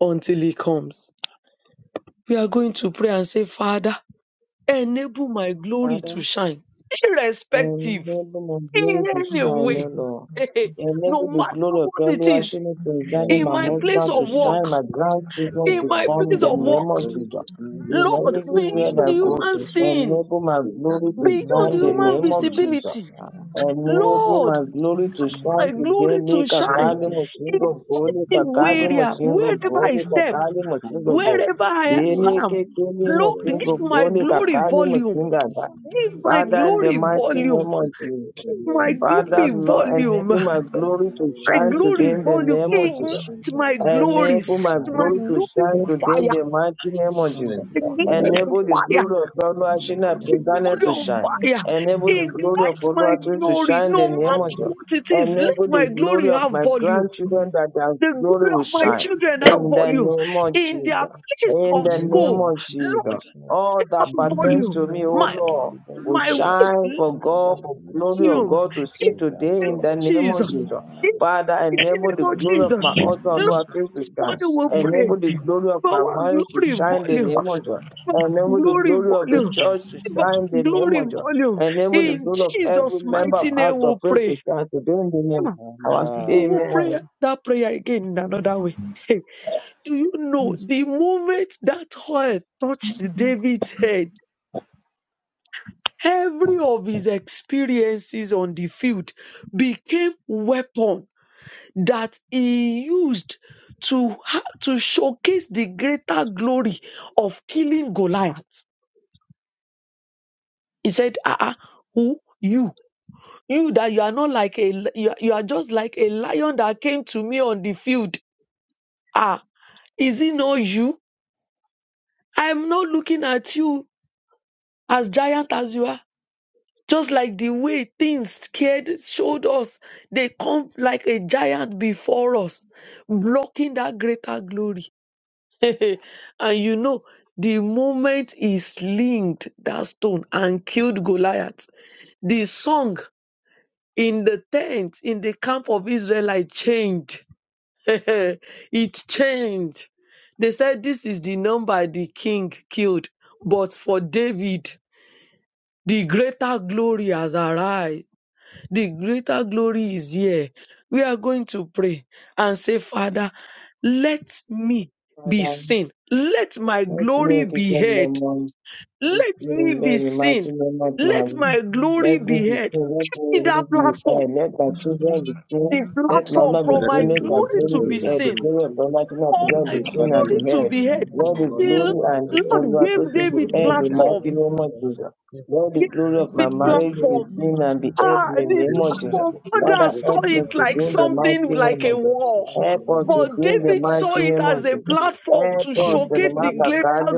until he comes. We are going to pray and say, Father, enable my glory
Father.
to shine, irrespective,
enable my
in
glory to
any
shine,
way,
O Lord. Enable
no
the
matter
glory of
what it is,
Elohim concerning
in
Heavenly
my
my
Father, I
place
husband
pray
to
of
to God
work,
shine, my
this day. That
grandchildren
in
to
Father,
my
you will
come in
place
the
of
enable my
name
work,
of
you.
glory
Jesus.
to shine, my
In
Lord,
glory to
everywhere
shine,
beyond
my
that I go
glory
human
to
to,
shine.
seeing,
enable my
In the
glory to
mighty
beyond
shine in the
name of
human
name of
Jesus.
Jesus.
visibility,
Jesus. Amen.
Enable
Amen.
Lord,
my glory to shine
Thank
my
you,
today.
glory
Jesus.
to
Make a
oh
shine
Whatsoever
kali
the
Lord.
enemy
mushingo
may
go,
want
make
to
In
a
Amen.
kali
Amen.
do,
Where,
dear
mushingo
Baba,
Jesus.
wherever
go,
let
I
make
your
a
step,
will
kali
is
Amen.
mushingo
strong
go.
wherever I
Thank
We
you,
and
Jesus.
Make
am,
over
a
me.
kali
Let me
Lord,
Your
go.
give
mushingo
will
Yes,
my
is
go,
the
make
strong
a
Lord.
glory
kali
volume.
Yes,
and
mushingo
my
over me.
dear
Give
Jesus.
my
Father,
Ora,
in the
glory
ora,
Amen.
mighty
ora,
name
so,
volume.
of
so,
Amen.
so, so,
Jesus.
so,
Give
let
my
me
Thank
be
you,
Father,
with
glory
you.
Jesus.
Lord,
volume.
enable my
Yes,
glory
my
to
My
dear
shine
glory
today in the
Amen.
volume.
Ora,
name of
kapo,
Jesus.
Ignite
so,
Amen.
my
kapo, kapo.
glory.
Enable
Set
my
My
my
glory
dear
Everything.
to
glory
shine
on
Jesus.
today in
fire.
the
Amen.
mighty name of
Thank
Jesus.
Thank
you,
you,
Ignite
Jesus.
Thank
on
Enable
you,
the
fire.
glory of
Glory
Oluwashina
Set my
Pintana
glory
to
on
shine.
Lord. Thank
fire.
you,
Enable the
Lord.
glory of
Ignite my
Oluwatun to
Thank
glory.
shine in
you,
the
No
name of
matter
Jesus.
what it is, let
Enable the
my
glory
glory
of
have
my
volume.
grandchildren that their
The
glory
glory
will
of my
shine
children have
in the
volume.
name of
In their
Jesus.
place
In
of
the
and
name
school,
might
of
you God have
Jesus.
Lord,
for
All
step up
that
in God's
pertain
volume.
to me,
spirit
O
My
and by
Lord,
your great
will
my
spirit.
wife
shine
Lord.
for
Yes,
Thank
God,
God, for
you,
we will
glory of
pray.
lithium.
God to
In
see
May God's
the
today
name
in
love
the
and
of
name
son,
of
Jesus.
Jesus.
In
uh,
Father,
the mighty
enable
thank
the
name of
you,
glory of my
Jesus.
Jesus, and
altar
the
on
Lord,
others
our
of
face
the
to
this
shine.
morning we
son, uh,
pray.
Enable the glory of
For
my
our
thank
marriage
you,
to
glory
shine the
volume.
Jesus.
name of God.
For
Amen.
our
Enable the
glory
glory of the
volume.
Thank
church
you,
to
For
shine
our
the
Jesus, and,
name
glory
of God.
uh,
volume.
Enable the
In
thank
glory of
you,
every
Jesus'
member of
mighty
House
name we
of
Jesus,
Prayer to
pray.
shine today in the name
Ah,
uh,
of our
We will pray
Amen.
that prayer again in another way. Do you know
Mr.
the moment that oil touched David's head, every of his experiences on the field became weapon that he used to ha- to showcase the greater glory of killing Goliath. He said, "Ah, ah, who you? You that you are not like a li- you are, you are just like a lion that came to me on the field. Ah, is it not you? I am not looking at you as giant as you are." Just like the way things scared showed us, they come like a giant before us, blocking that greater glory. and you know, the moment he slinged that stone and killed Goliath, the song in the tent in the camp of Israelite changed. it changed. They said, This is the number the king killed, but for David, the greater glory has arisen. The greater glory is here. We are going to pray and say, Father, let me be
Father,
seen. Let my
Let
glory
me be
be
God, my
heard.
mom.
Let me
In
be
bed, the mighty
seen.
name of
Let
Mary.
Thank
my glory
Let me
be
be
heard.
free, let me
In that
really be
platform,
fine. Let my children be free.
the
Let my
platform
mother
for
be
Father,
my
free.
thank
Let
you
my
glory
once
glory
to
again
be
be
in the
heard. The
seen,
name of
glory of
Jesus.
Almighty God to
for
Let
We
God
my
my
be
pray,
seen
Father,
and
glory
be
Lord
praise
to
be
God
heard.
be
heard,
heard.
Almighty, the
Lord, the
Lord your
The
glory
Lord.
life,
and the
your
Lord
honor
glory,
to
Let
gave
should
my
be
will
David
be
glory
heard in the
be
endowed
platform.
mighty
with
name of
your
visible.
Jesus. Lord, the
Gave
glory
Thank
of my
you,
David
We
Jesus,
marriage be
for
pray,
platform
seen
your
and be heard in
Ah,
you
the
are
the
be
name of
free
glory
Jesus.
platform,
today
within
and
Father,
others
lift
saw
help
and
up the
the
me
it
last
to
like
thing
do
they
in
beauty
the
are
of my
going to
mighty
something
the
husband,
name
like a
of
throne
Jesus.
of
war.
Jesus,
Lord.
for the
Help
Lord
us
of
to
us
But
in
do in
the
the
the
David
beauty of
saw
mighty
our
it
name of
as
name
a
of
Jesus.
children
Epo,
platform
be
to
Airport
heard,
showcase
O
the
Lord.
greater
makakali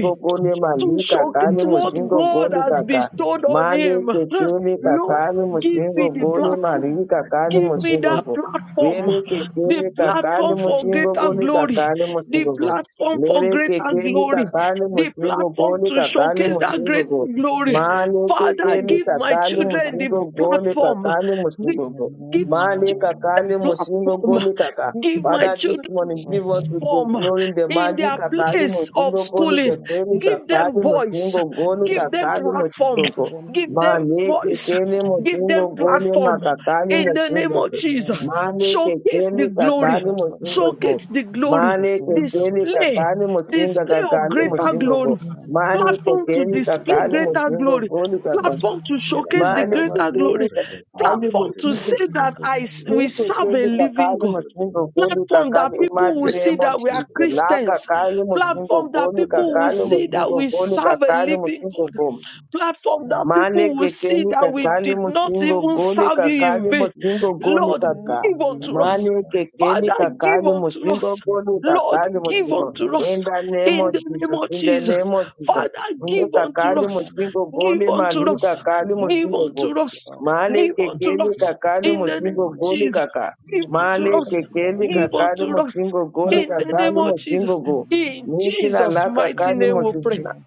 My praise
goli
be
to
mali
within.
kakali
showcase
Let
what
mushingo
my
God
goli
glory
has
be
kaka
heard,
bestowed on
mali
Lord.
him.
kekeli
Thank
Lord,
you,
kakali
give
Jesus.
me
mushingo
the
goli
Let my
platform.
mali
glory
kakali
Give
be
me
heard.
mushingo
that
go
platform,
vele
Give us the
the
kekeli
beauty.
kakali
platform for
Give us
mushingo
that
greater
goli
sense
glory,
kakali
of
the
mushingo
glory
go
to
platform
shine.
for
lele
greater
Thank
kekeli
you,
glory,
kakali
Jesus.
the
mushingo
platform
goli
Thank
to
you,
kakali
showcase
please, for
that
mushingo
great
go
giving
glory.
me
mali
the
Father,
kekeli
give
ability to
my
kakali
take
children
that
the
mushingo
with the
goli
building.
platform.
kakali
Give
In
mushingo
the
go
give my
mali
name
kakali
children
mushingo
platform.
of
goli kaka
Give
Jesus,
my
Father, this
children
we
morning,
will
give us
get
with
that
the
form
done.
glory in the
in
magic,
their
In the name
Kakali
of
place
Jesus,
of
Motingo, Goni,
we
schooling.
will
Kakali,
come to
Give
you
them
Kakali
for
voice,
Motingo,
the
Goni,
give
kingdom.
them
Kakali
We got
platform,
to
Motingo,
the
give them
leaders.
Mane,
voice,
Kekele
give them
Motingo,
Thank
Goni,
you,
platform
please,
Makakali
for
in the name
Motingo,
of
the
Jesus.
Lord.
Mane,
Showcase the
Kekele,
Thank you,
glory,
Kakali
please, for the Lord.
Motingo,
showcase the glory,
So,
Mane,
trust in the
Kekele,
Lord.
display,
Kakali
So,
Motinga,
display of
Kakali
in the
greater
Motingo,
glory,
name of Jesus,
Mane,
platform to
Kekele,
Thank you,
display
Kakali
please,
greater
for
Motingo,
glory.
the
Goni,
Lord.
Kakali,
Platform to
Yeah,
Thank
that's
showcase
a
the
you,
Mane,
please,
tablet.
greater
for the
We
Kekele,
glory,
Lord.
pray that in the name
Kakali
Thank
platform to
you,
Motingo,
Jesus,
say
for
that
the
I s- we
opportunity
Lika
serve a
keli
living
kakali
God
that
musingo
I'm
goli
platform that
kakali
people
imati
will
not
see
name of
that
blessed
we are
with
Jesus.
you.
La
with
Christians,
kakali musingo
platform
the
that
goli
people will
kakali
see that
musingo
we
goli
Lord.
serve a
kakali
living God,
musingo
platform that
Male
people will see
kwekeni
that we
kakali
did not
musingo
even
gole
serve you in
kakali
vain.
musingo gole
Lord,
kaka.
give
From
unto
this
us.
Male
time, of the
kekeli
Lord
Father,
will
give
kakali
gather.
unto
musingo
us.
May
gole
this
Lord,
time,
kakali
Lord,
give
we
musingo.
unto
learn.
In
us
the name
in
Thank
of
the
you,
name
Jesus,
of
in
Jesus.
the
Jesus.
name of
Thank
Father,
Jesus.
you,
Mle
give
Jesus, for the
unto
kakali
Lord.
us.
Amen.
musingo
Give
gole
unto
mali
us.
Even if
kakali
Give
it
musingo gole.
unto
is a
us.
lot, thank
Male
Give unto
kekeli
us
you,
kakali
Jesus,
in the name
for the
musingo
of
Lord.
gole
Jesus.
kaka.
Give
Thank you,
unto
Male
us.
also,
kekeli
Give
kakali
unto
God.
us
musingo gole
in the
Thank you,
name
kakali
of
Jesus.
musingo
Jesus.
go.
Amen.
In
Niki la
Jesus'
la
mighty
kakali
name we pray.
musingo.
Amen.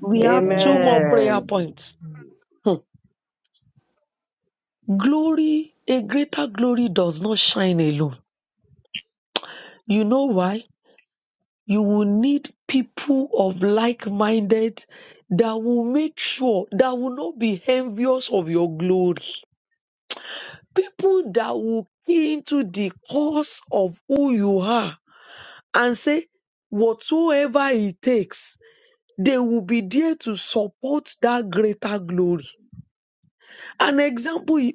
We have two more
Amen.
prayer
Amen.
points. Hmm. Glory, a greater glory does not shine alone. You know why? You will need people of like minded that will make sure that will not be envious of your glory. People that will key into the cause of who you are and say, whatsoever it takes, they will be there to support that greater glory. An example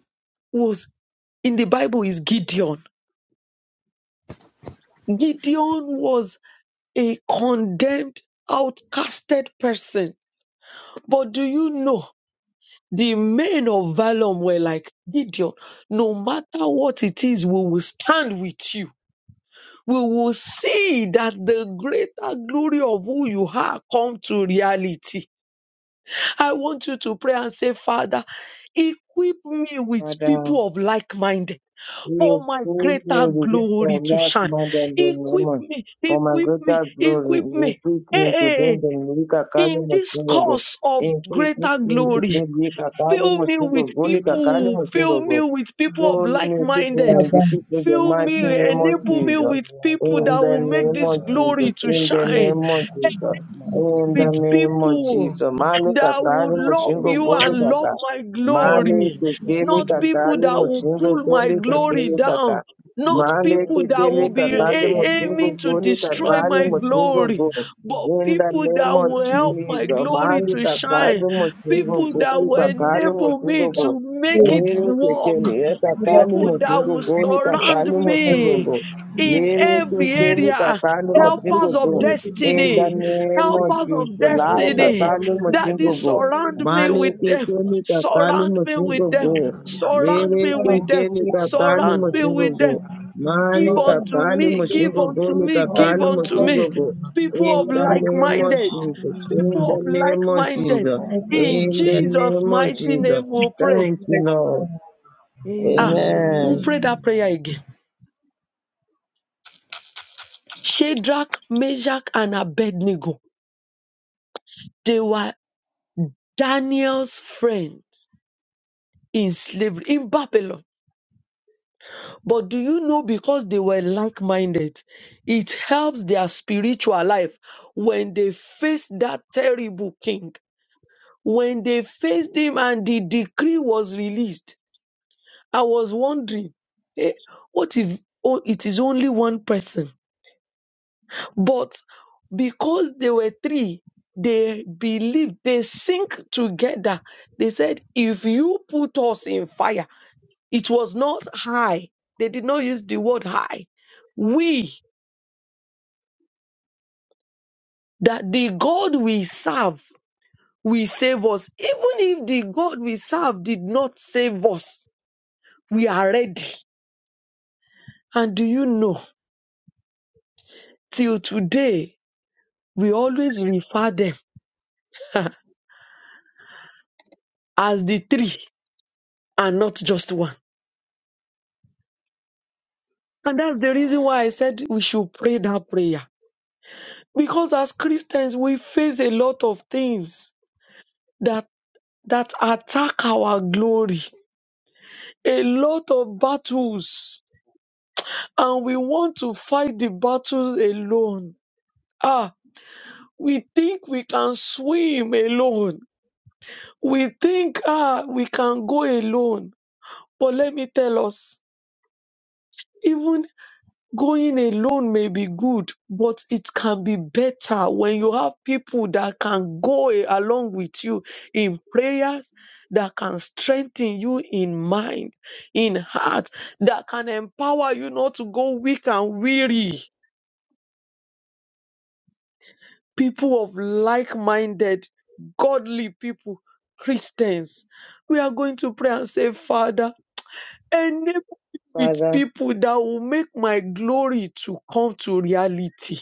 was in the Bible is Gideon. Gideon was a condemned, outcasted person. But do you know the men of Valum were like Gideon? No matter what it is, we will stand with you. We will see that the greater glory of who you are come to reality I want you to pray and say, Father, equip me with
Father,
people of like minded for
you
my
prove me
greater
with this
glory to
life
shine.
the
Equip
moment
me,
for my
equip me,
greater glory.
equip me.
Increase
Hey,
me to gain
hey,
the Mulika Kali
in this
Masungogo.
course of
Increase me
greater
to
glory,
gain the Kakali
fill me with
Masungogo, Kakali
people, fill
Masungogo.
me with people of
Oh,
like
me, people me
minded.
Father,
in the people, the
Fill
mighty
me,
name
You
of
may
enable
keep
me
Jesus.
your
with
right
people
In
that
mind
the
will
to
make
the
name
this
of
Lord.
glory
Jesus.
to
In the
Keep
shine
name
your
of Jesus.
right mind in
In the
with
name of
Thank you,
people
Jesus. Male
Jesus.
that
Amen.
will
katali
love
Lord,
mushingo
you
that
goli
and
one thing.
love
kata.
my
that
Male
glory,
Lord, Lord, Lord,
kekele
not people
katali
that
Lord,
will
mushingo
pull
Lord,
my
goli
Lord, Lord.
glory
kekele kata.
down, not
Male
Lord,
people
me,
that will
the
kekele
be
name,
people
katali
of
a-
that
mushingo
Lord,
aiming to
my
goli
Lord,
destroy
katali
my
Lord.
mushingo
glory,
goli.
Thank
but
you,
In the
thank
people
name
that
of
you,
will
Jesus.
help my
Jesus.
glory
Male
to shine,
katali
Amen.
mushingo
people
This
that
is
goli
will
our time,
katali
my
enable me
mushingo
Lord.
goli.
to make it
Ah,
Lérò
name.
work,
kékeré ẹ
You
kàkà
thank
ni
don't
people
mo
make
you,
me
sì ń
that will
gògó
glory
ní
Jesus.
to
kàkà
surround
shine.
ni mo sì ń
me
Thank
gògó.
you for this
in
day.
Lérò
Thank you
every
for
kékeré
shine.
ní
this day.
area,
kàkà ni
Thank
mo
you
Father,
sì
I
for
ń
this
helpers
keep
gògó.
of
you, keep
day.
you,
In
Thank
destiny
that
the
will
you for
make my
this
name
day.
glory
of
helpers
to
of
Jesus,
shine
lára
in
No, no,
the
kàkà
no,
destiny.
ni
no,
mo
mighty
no.
sì
name
ń
Daddy,
of
gògó.
God.
surround
Thank
me
you,
Máàlì
with them.
Savior.
kékeré ní kàkà ni
Surround
mo
me
sì ń
And
with them.
gògó.
I'm really
Surround
Lérò
me
grateful.
with them.
ní
Thank you,
And
kàkà
no,
ni
Surround
no,
me
no,
with them.
no.
kakani
Give
Father,
unto
musingogo.
me.
It's a
Give
good
unto
thing
me.
for
for me.
Give
It's a
unto me.
all
good thing. And
People
In
no,
of
So,
the
no,
like
um,
no,
name of
no,
minded.
no.
Jesus, in
you.
People
the
of like
name of
minded.
Lord
People
God,
Jesus,
of
in
life,
the
In
we
in the
want to
name of
name
Jesus'
say,
of
Jesus.
oh
mighty
Jesus.
name
Lord.
we pray.
Thank you,
like, uh,
Lord.
Ah,
Amen.
we
Amen.
pray that
Amen.
prayer again. Shadrach, Meshach, and Abednego. They were Daniel's friends in slavery in Babylon But do you know because they were like minded, it helps their spiritual life when they face that terrible king. When they faced him and the decree was released, I was wondering, eh, what if oh, it is only one person? But because they were three, they believed, they sink together. They said, if you put us in fire, it was not high. They did not use the word high. We that the God we serve will save us. Even if the God we serve did not save us, we are ready. And do you know, till today, we always refer them as the three and not just one. And that's the reason why I said we should pray that prayer. Because as Christians, we face a lot of things that, that attack our glory, a lot of battles, and we want to fight the battles alone Ah, we think we can swim alone. We think, ah, we can go alone. But let me tell us, even going alone may be good, but it can be better when you have people that can go along with you in prayers, that can strengthen you in mind, in heart, that can empower you not to go weak and weary people of like minded, godly people, Christians. We are going to pray and say, Father, enable me with
Father,
people that will make my glory to come to reality,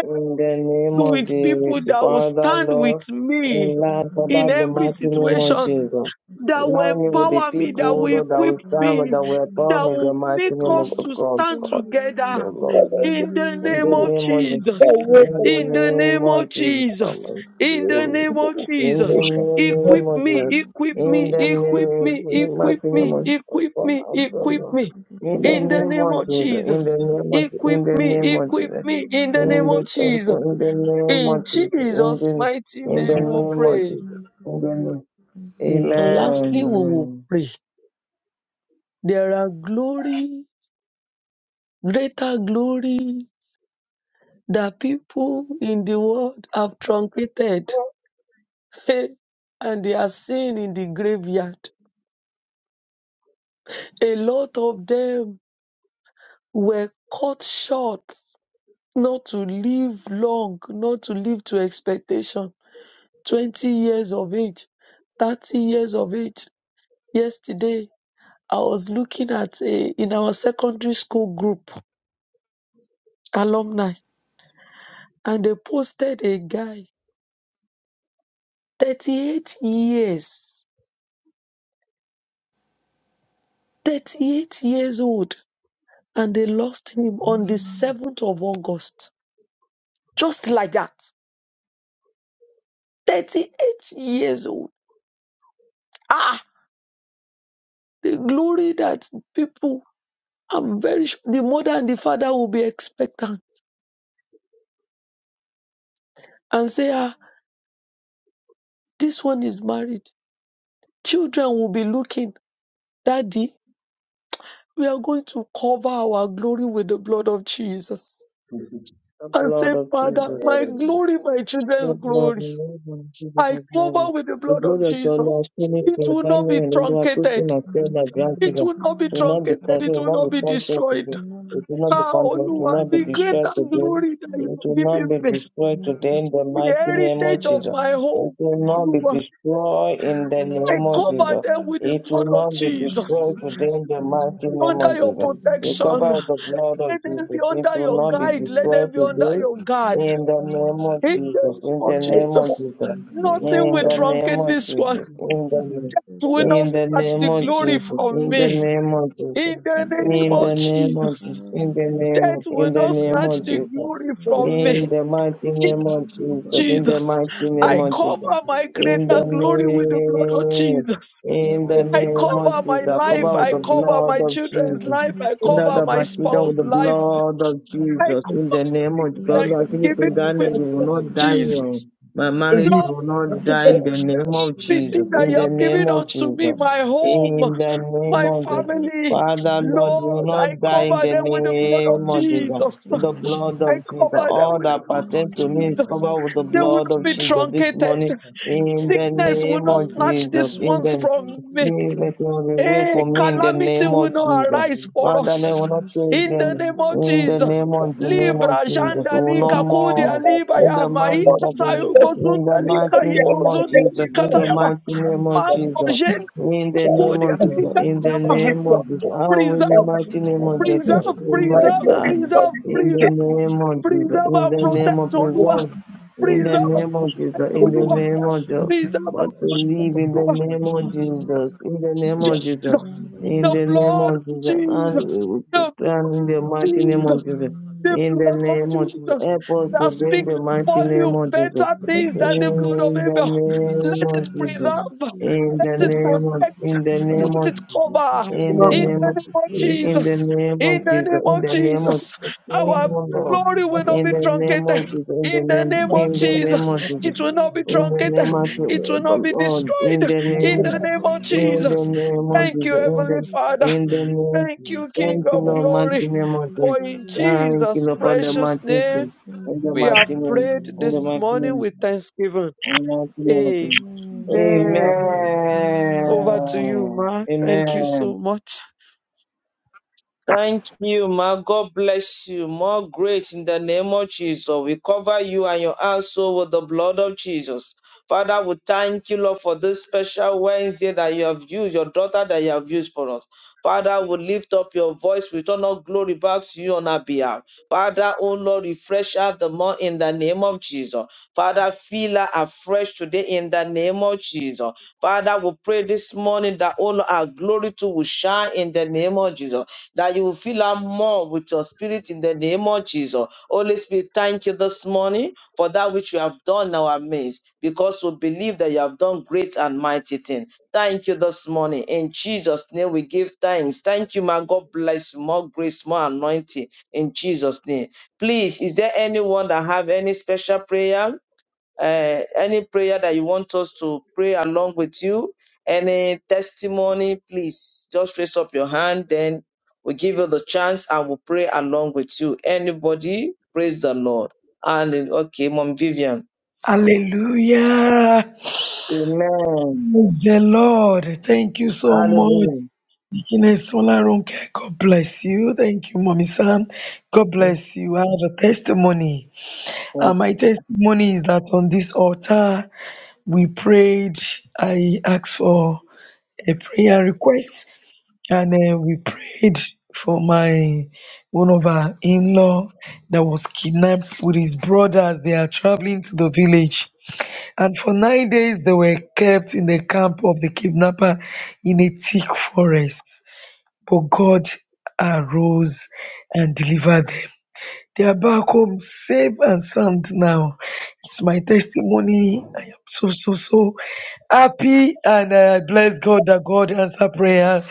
in the name of
with people
Jesus,
that will
Father,
stand
Lord,
with
in
me
life, Father,
in
the
every
mighty name of
situation
Jesus.
that will
Align me with the
empower me,
people,
that
oh
will
Lord, that
equip
will stand, and
me,
that will come
that
in the
will
mighty
make
name
us to
of God,
stand
God, so
together.
Lord.
whether it
In the
In
name
the
is
of
name of Jesus,
I
Jesus.
in
work like
In the name of
the name of Jesus,
Jesus. In the
amen.
name
in
of
the
In the
Jesus.
situation, but
Equip
name of
me,
Jesus.
equip
In
me,
the
equip me,
name,
equip
mighty
me,
name of
equip
God,
me,
I'm sorry,
equip
Lord.
me.
In the
In the
name
name
of
of
Jesus. In the
Jesus.
name of
Equip
in the
me,
name of
equip
Jesus.
me in the name
In the
of Jesus.
in the name of
In
Jesus. In
Jesus'
the
mighty
in the
name
in
we
name of
pray.
Jesus. In the name.
And
the
lastly, we will
Amen.
pray. There are glory, greater glory that people in the world have truncated. and they are seen in the graveyard. A lot of them were cut short not to live long, not to live to expectation. 20 years of age, 30 years of age. Yesterday, I was looking at a, in our secondary school group, alumni, and they posted a guy 38 years, 38 years old, and they lost him on the 7th of August. Just like that. 38 years old. Ah, the glory that people, I'm very sure the mother and the father will be expectant and say, ah, this one is married. Children will be looking, Daddy, we are going to cover our glory with the blood of Jesus.
The
And
blood
say,
of
Father, my
Jesus.
glory, my children's
The blood,
glory.
and the Lord, and Jesus of
I
our glory.
cover with the
The
blood of
glory of your
Jesus.
Lord, Spirit,
It will not
Daniel,
be
and Lord, who
truncated.
soon has failed my
It
grandchildren,
will not be
will not be
truncated.
consumed,
It will
will not
not
be
be
consumed
destroyed.
today. It will not be
thank
Ah,
consumed,
you,
it will
Oluwa,
not be
the
destroyed
greater
today.
glory that you
It
have
will not
given
be
me,
destroyed today in the
the
mighty name of
heritage of
Jesus.
my
It
home,
will not be
Oluwa,
destroyed in
Thank
the
you.
I
name of
cover
Jesus.
them with the
It
blood
will
of
not be
Jesus.
destroyed today in the mighty name of
Under your
Jesus. We
protection,
cover with
Amen.
the blood of
let
You
them
Jesus.
be
are
It
going
under
will
to
your
the
not be
Lord
guide.
in
Let
your
destroyed
them be
prayer
under
and
today
your
you are
guard.
not
in the
like you
name
to
of
be
In the
Jesus,
name
in
of
the name of
Jesus,
I
Jesus,
You are going to
nothing
in
will
let
the
the each
name
truncate
of
step
this
in
one.
Jesus, in
Jesus
the name,
name
don't
It will
know
not
in the
come
snatch
name
to
the
the
of
true
glory
Jesus,
from
in the
me.
power of you,
name of Jesus,
In the
Lord.
name
in
of
that
the name of
Jesus,
Jesus, in
We
the
will not
death
name,
be
in
will
the
not
faithful
name
to
snatch
of
the
you.
Jesus,
glory
you
from
in
me.
the mighty name of Jesus,
This
in the
is
Jesus,
this.
the
mighty
true
name
So,
I
of
worship of
Jesus,
cover
the
my
in
greater
the
it's
King of
glory with the blood of
name,
Jesus.
in the
I
of
name
cover
of
the
my
Jesus,
life.
really
cover with
I
the
King of
cover
the
blood
my
Lord.
of
children's
Jesus.
life. I
You are
Lord
cover
now
my
my
and
children, with
spouse's
the
forever to
life.
the
blood of
Lord.
In
I,
Jesus,
the
important.
in the
Thank
name
you,
of
Jesus,
I
God,
I
name
the
don't
Lord, give
Lord.
know
it
give it
to
how
of
to
Ghana,
with
you will
Thank
Jesus,
you,
not
do
die
Jesus,
Lord.
the
Jesus.
young.
Lord.
My
Let it be
it.
done
Is
marriage
it?
Lord,
will
with God.
I
not
In
die
don't
in
the
the
know
Thank
name
you,
how
of
the
to
Jesus.
Jesus,
thing that
in
you
do
the
have
name of
name
given
Thank
Jesus.
of
unto
you,
me,
Jesus,
Jesus.
my
in
Thank
home,
the
Let
you,
name
Jesus.
my
the
of Jesus.
people
family,
Thank
to
you,
Father,
come
Lord,
to
you will
Lord,
fear
I
not die
you.
in
cover
the
them with the
Let
blood of
name
the
of
people
Jesus.
Jesus.
With the
to be
I
blood
I
of
come
Jesus,
out,
comforted.
I
all
would have known
that
In
pertains
the
to me is
name
Jesus.
of
covered with the
They
Jesus,
would
blood
not
of
be
am
Lord.
Jesus
reading the
this
letter
morning.
truncated.
Let
In the
Sickness
them go
will
with
name
the
not
of
Lord
snatch
Jesus,
these
in
Jesus.
ones
the
from me.
Jesus, you will be way
A
for me in the
calamity
name
will
of
not
Jesus.
arise for
Let
Father, may
us.
we
them
not praise
receive
In
the
the
them
Lord. Let them
name
comforted.
of
in the
Jesus.
name of the
it.
name of
Libra
Jesus.
janda
Oh, no
lika
Yes. You
kudia
more.
know,
liba
I
In
ya
the
think
mighty
about
maikata
name,
Jesus,
in the
yugozunda
we
mighty
lika
name
have
of
hibrozunda
Jesus.
been
In
kata
the
Let
yaba.
mighty name
them be
of
Ma
Jesus.
lost.
kudia
comforted.
In the
not
name
In the
of Jesus.
lika
name
In
of
the
yaba.
be
Jesus.
name of Jesus.
troubled
Oh,
in
in
Preserve.
the
the mighty
mighty
In the
name
name
of
of
Jesus. I
Jesus.
Preserve,
will not
My
name
preserve,
of
glory
die.
will not
preserve,
be
In
Thank
the
preserve,
you,
duplicated in my
Jesus.
name of
Jesus.
Jesus.
preserve
In
and
the
Jesus.
name
protect
of
O
Oh,
Lord!
my
preserve. In the
Preserve and
name
Jesus.
of Jesus.
protect O
In
Oh, my Jesus. oh,
for
the
my
the
Lord!
Thank you.
name of Jesus.
Preserve and
But to
Jesus,
protect
live
O
in the
Lord!
Thank
name
you,
of Jesus. In the name of Jesus.
for
Jesus,
you
In
the
the
oh
name
blood
of
of
Jesus, and
Jesus,
we will put
the
down in
oh
the mighty name of
Jesus,
Jesus.
the
In the
blood of
name of Jesus,
Jesus
help us
that
today in the
speaks
mighty name
volume
of Jesus.
better
oh,
things
my
than the
Jesus,
blood of
In the
Abel.
name
Let it
of Jesus.
preserve,
In
let
the
oh,
it
name of, in
protect,
the
let
name of,
it cover.
in the
In the
name of,
name of
in the
Jesus,
name
in
of
the name
Jesus. In
of
the name of,
Jesus, our glory will not
in
be
the name of
truncated.
Jesus. In
In
the
the
name,
name of
in the
Lord,
Amen. Thank
name
Jesus,
of Jesus.
it will not be
In the
truncated.
name of
It will not
the
be
Lord. In
destroyed.
the name of
In the name of
in the
Jesus.
name of
Thank
Jesus,
you,
in
Heavenly
the,
Father.
in the name,
Thank you, King
thank you,
of
Lord,
for
mighty
the
glory.
name
things
of
you
you,
Jesus.
For in
do.
Thank you,
Jesus'
Lord, for the
Thank
precious
mighty
name,
name, in the
we
mighty
have
name,
prayed
in the
this
mighty
morning
name,
with thanksgiving.
in the mighty name of
Amen.
Jesus.
Amen.
Over to you,
Amen.
Ma. Thank you
Amen.
so much.
Thank you, ma. God bless you. More great in the name of Jesus. We cover you and your household with the blood of Jesus. Father, we thank you, Lord, for this special Wednesday that you have used, your daughter that you have used for us. Father, we lift up your voice. We turn all glory back to you on our behalf. Father, oh Lord, refresh her the more in the name of Jesus. Father, feel her afresh today in the name of Jesus. Father, we pray this morning that all our glory too will shine in the name of Jesus that you will fill up more with your spirit in the name of Jesus. Holy Spirit, thank you this morning for that which you have done in our midst, because we believe that you have done great and mighty things. Thank you this morning. In Jesus' name, we give thanks. Thank you, my God bless you. More grace, more anointing in Jesus' name. Please, is there anyone that have any special prayer? uh, any prayer that you want us to pray along with you, any testimony, please just raise up your hand. Then we give you the chance and we'll pray along with you. Anybody, praise the Lord. And okay, Mom Vivian.
Hallelujah.
Amen.
Praise the Lord. Thank you so much.
Hallelujah.
Ines Olaronke, God bless you. Thank you, Mommy Sam. God
Yes,
bless you. I have a testimony. Uh,
Lord.
my testimony is that on this altar, we prayed. I asked for a prayer request, and uh, we prayed for my one of our in-law that was kidnapped with his brothers. They are traveling to the village, and for nine days they were kept in the camp of the kidnapper in a thick forest but God arose and delivered them. They are back home safe and sound now. It's my testimony. I am so, so, so happy and I bless God that God answer prayer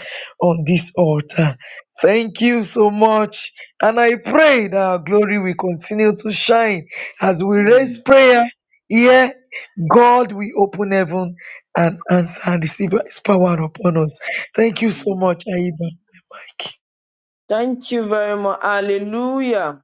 on this altar. Thank you so much. And I pray that our glory will continue to shine as we raise
Mm,
prayer here. God will open heaven and answer and receive his power upon us. Thank you
mm.
so much, Aiba.
Thank you very much. Hallelujah.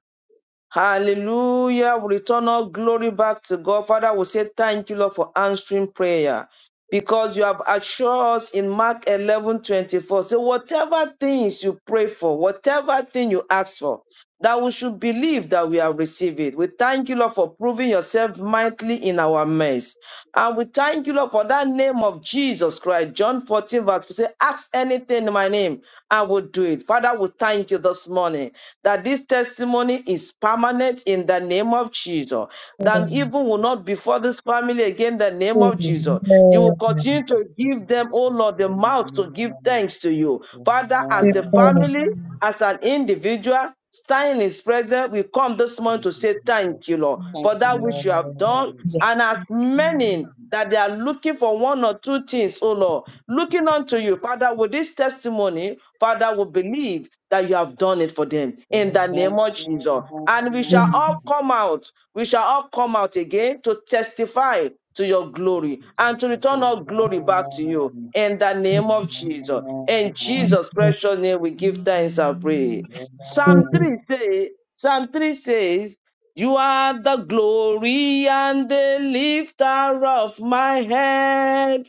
Hallelujah. We return all glory back to God. Father, we say thank you, Lord, for answering prayer. Because you have assured us in Mark eleven twenty four. 24. So, whatever things you pray for, whatever thing you ask for, that we should believe that we have received it. We thank you, Lord, for proving yourself mightily in our midst. And we thank you, Lord, for that name of Jesus Christ. John 14, verse 4 say, Ask anything in my name, I will do it. Father, we thank you this morning that this testimony is permanent in the name of Jesus. That
Amen.
evil will not befall this family again in the name of
Amen.
Jesus. You will
Amen.
continue to give them, oh Lord, the mouth to give thanks to you. Father, as a
Amen.
family, as an individual, stand in his presence. We come this morning to say
Jesus.
thank you, Lord,
Thank
for
you,
that which you have done.
Lord.
And as many that they are looking for one or two things, oh Lord, looking unto you, Father, with this testimony, Father, will believe that you have done it for them in
Amen. Amen.
the name of Jesus. And we shall all come out. We shall all come out again to testify to your
Thank
glory
you,
and to
Jesus.
return all glory back to you in the name
Amen.
of Jesus. In
Amen.
Jesus' precious name, we give thanks and pray. Psalm 3
Amen.
says, Psalm 3 says, You are the glory and the lifter of my head.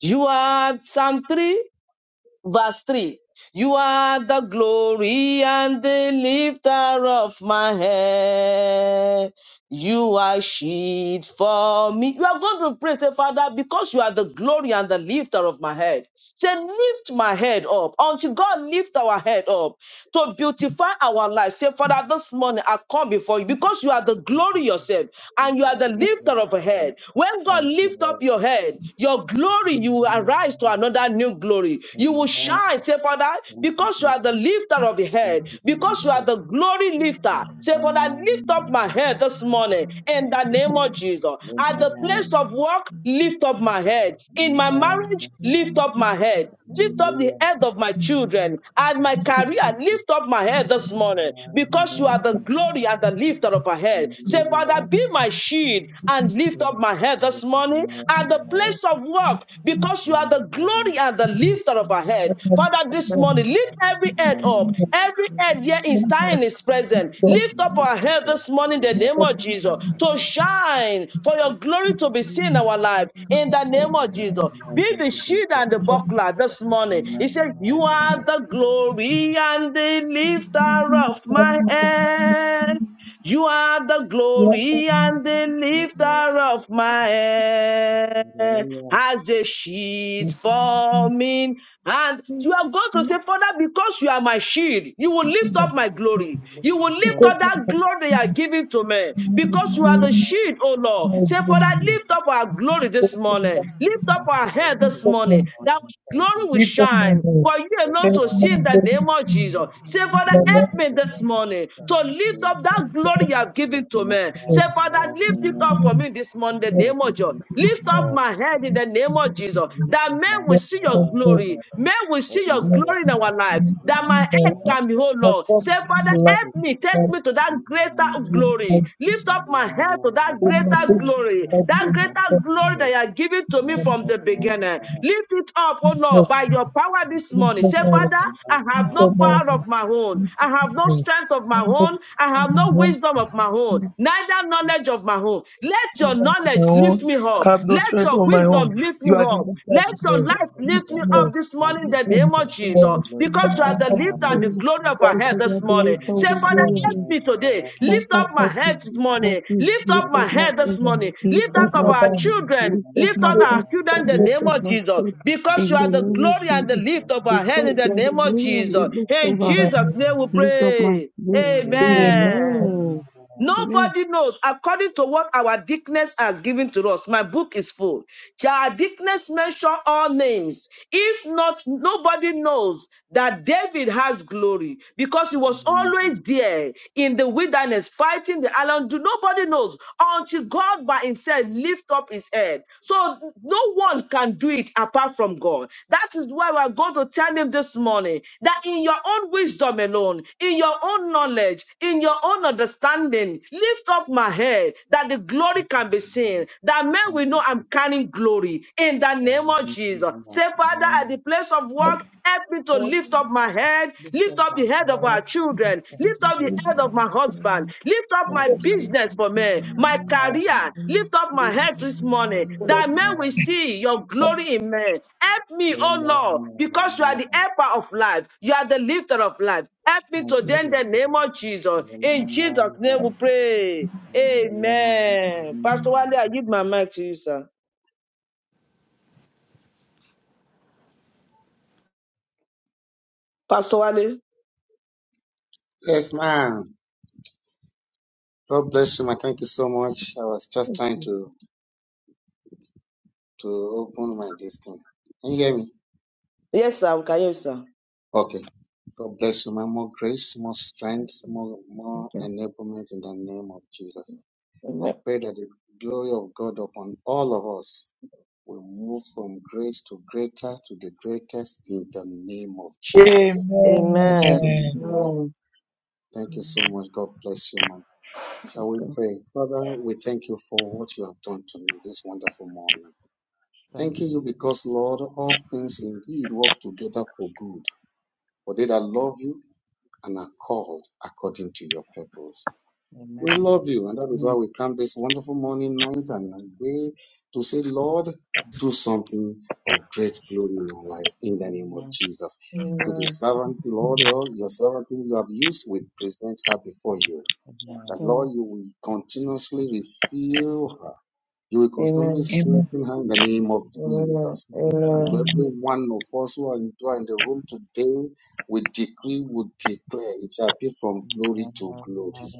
You are Psalm 3. Verse 3 You are the glory and the lifter of my head. You are a shield for me. You are going to pray, say, Father, because you are the glory and the lifter of my head. Say, lift my head up. Until God lift our head up to beautify our life. Say, Father, this morning I come before you because you are the
Thank you,
glory
Jesus,
yourself
for
and you are
the
the
glory of
lifter of a
God.
head. When God
Thank you,
lift
Lord.
up your head, your glory, you will
Amen.
arise to another new glory. You will
Amen.
shine, say, Father,
Thank you,
because you are the
Jesus.
lifter of the
Thank
head,
you,
because you are
Jesus.
the glory lifter. Say, Father,
Amen.
lift up my head this morning in
Thank
the
you,
name
Jesus.
of Jesus. At the place
Amen.
of work, lift up my head. In my
Amen.
marriage, lift
Amen.
up my head Lift up the
Hallelujah.
head of my children and
Thank
my
you,
career.
Jesus.
Lift up my head this
Amen.
morning because you are
Hallelujah.
the glory and the lifter of our head. Say, Father, be my shield and lift up
King
my head
of
this
Kings,
morning and the
Lord.
place of work because you are the glory and the lifter of our head. Father, this
Amen.
morning, lift every head up up.
Amen.
Every head here is standing in His presence. Lift
Thank
up
you,
our head
Jesus.
this morning in the
Amen.
name of Jesus to shine for your glory to be seen in our life. In the name of Jesus, be
Amen. Thank
the
you,
shield and the
Jesus.
buckler this morning.
Amen.
He said, "You
Hallelujah.
are the glory and the lifter of my head." You are the glory
Amen.
and the lifter of my head.
Lord,
As a sheet forming, and you have gone to say, Father, because you are my shield, you will lift
amen.
up my glory. You will
Thank you,
lift
Lord,
Because
up
of
that
my
glory they are giving to me.
this
Because you are
morning.
kidney,
the shield, oh Lord.
my
Say, Father,
brain,
Thank
lift up our glory this
because of
morning.
my
Lift up our head this
people,
morning.
my
That glory
you,
will
Jesus.
people, my
shine
head,
for you alone
let
to
my
see in
Amen.
the
body
name of
free.
Jesus. Say, Father,
The
You
help
are
me
good
mighty
this
workers.
morning to
Thank you,
lift
Jesus.
up that
Amen.
glory you have given to me. Say,
Lord,
Father, lift it up for
Amen.
me this morning in the
let
Thank
name
my
you,
of
body
Jesus.
Jesus,
Lift
free.
up
Lord.
my head in the name of Jesus,
Lift
that
up my
men will
Let
see
my
your
body
glory.
hand.
Men will see your
let
glory in
me
Hallelujah.
our life, that my
my
head
Amen.
life.
can be whole,
I
Lord.
come
Say,
to
Father,
the
help
life
Hallelujah.
me, take
that
me to that greater
you
glory.
might,
Lift lift up my head to that
you might take
greater
me
glory, that greater
to
glory that you are giving to me
that
from the beginning. Lift it up, oh
you
Lord, by your power this
I
morning. Say, Father, I have no power of my own. I have no strength of my own. I have no wisdom of my own, neither knowledge of my own. Let your knowledge lift me up.
have no
Let
strength
your
on my own.
wisdom lift
You
me
are the
up.
lifter of
Let
my
your
head.
life
Lift
lift me you
me
up
up.
this morning in the name
Lift
of
me up. You
Jesus
are
because you
the
are the
lifter
lift and the
Mm,
glory of
you.
our head
Because I
this
believe
morning.
that
Say,
was the
of
Father,
glory
my head.
help
of
me today.
my
Lift
Father,
up my
help me,
head this
help
morning.
me,
Lift up
lift up
my
my
head this
head,
And
morning.
Thank
lift
Lift
up
lift
up
my
of
up
our
my
head,
head.
children.
lift up
Lift
my
up
You
our
lift
head,
children
up
in
your
the
lift
lift
name
up
of
my
Jesus
head,
because
in
you
the
are the
name of
glory and the
Jesus.
lift of our head
Because
in the
you are the
name of
glory and
Jesus.
the
In
lift
up my
Jesus' name we
Lift up my
pray.
Lift
voice.
up my
head. Amen. The
Amen.
head,
Amen. Amen.
Nobody knows according to what our dickness has given to us. My book is full. Shall our dickness mention all names? If not, nobody knows that David has glory because he
thank
was
you,
always
Jesus.
there in the wilderness fighting the island. Do nobody knows until God by himself lift up his head. So no one can do it it apart from God. That is why we're going to tell him this morning that in your own wisdom alone, in your own knowledge, in your own understanding, lift up my head that the glory can be seen, that men will know I'm carrying glory in the name of Jesus. Say, Father, at the place of work, help me to
Lord
lift up my head, lift up the head of our children, Lift up the head of my husband. Lift up my
Thank you, Jesus.
business for me,
Amen.
my career. Lift up my
Thank
head
you,
this morning
Jesus.
follow
that
me.
men will
Amen.
see your glory in men. Help me, oh Lord,
Amen.
because you are the
Amen.
helper of life. You are the lifter of life. Help me
Thank you,
today in the
Jesus.
name of Jesus. In Jesus'
Amen.
name we
Amen.
pray. Amen. Pastor Wale, I give my mic to you, sir. Pastor Wale.
Yes, ma'am. God bless you, ma. Thank you so much. I was just trying to to open my this thing. Can you hear me?
Yes, sir. We can hear you, sir.
Okay. God bless you, man. More grace, more strength, more more
Thank you.
enablement in the name of Jesus. And I
Amen.
pray that the glory of God upon all of us will move from great to greater to the greatest in the name of Jesus. Thank you
Amen.
so much, man. Thank you so much. God bless you, man. Shall we pray? Father, we thank you for what you have done to me this wonderful morning.
Thank you,
Thanking you
Jesus.
because, Lord, all things indeed work together for good. For they that love you and are called according to your purpose. We
Amen.
love you, and that is why
Amen.
we come this wonderful morning, night, and and day to say, Lord, do something of great glory in our lives in the name of Jesus. To the servant, Lord, your your servant whom you have used, we present her before you.
Amen.
That
Amen.
Lord, you will continuously refill her you will constantly
Amen.
Amen.
strengthen her in the name of
Amen.
Amen.
Jesus. And to
Amen.
every
Amen.
one of us who are in who are in the room today, we decree, we declare, it shall be from
Thank you,
glory
Jesus.
to glory.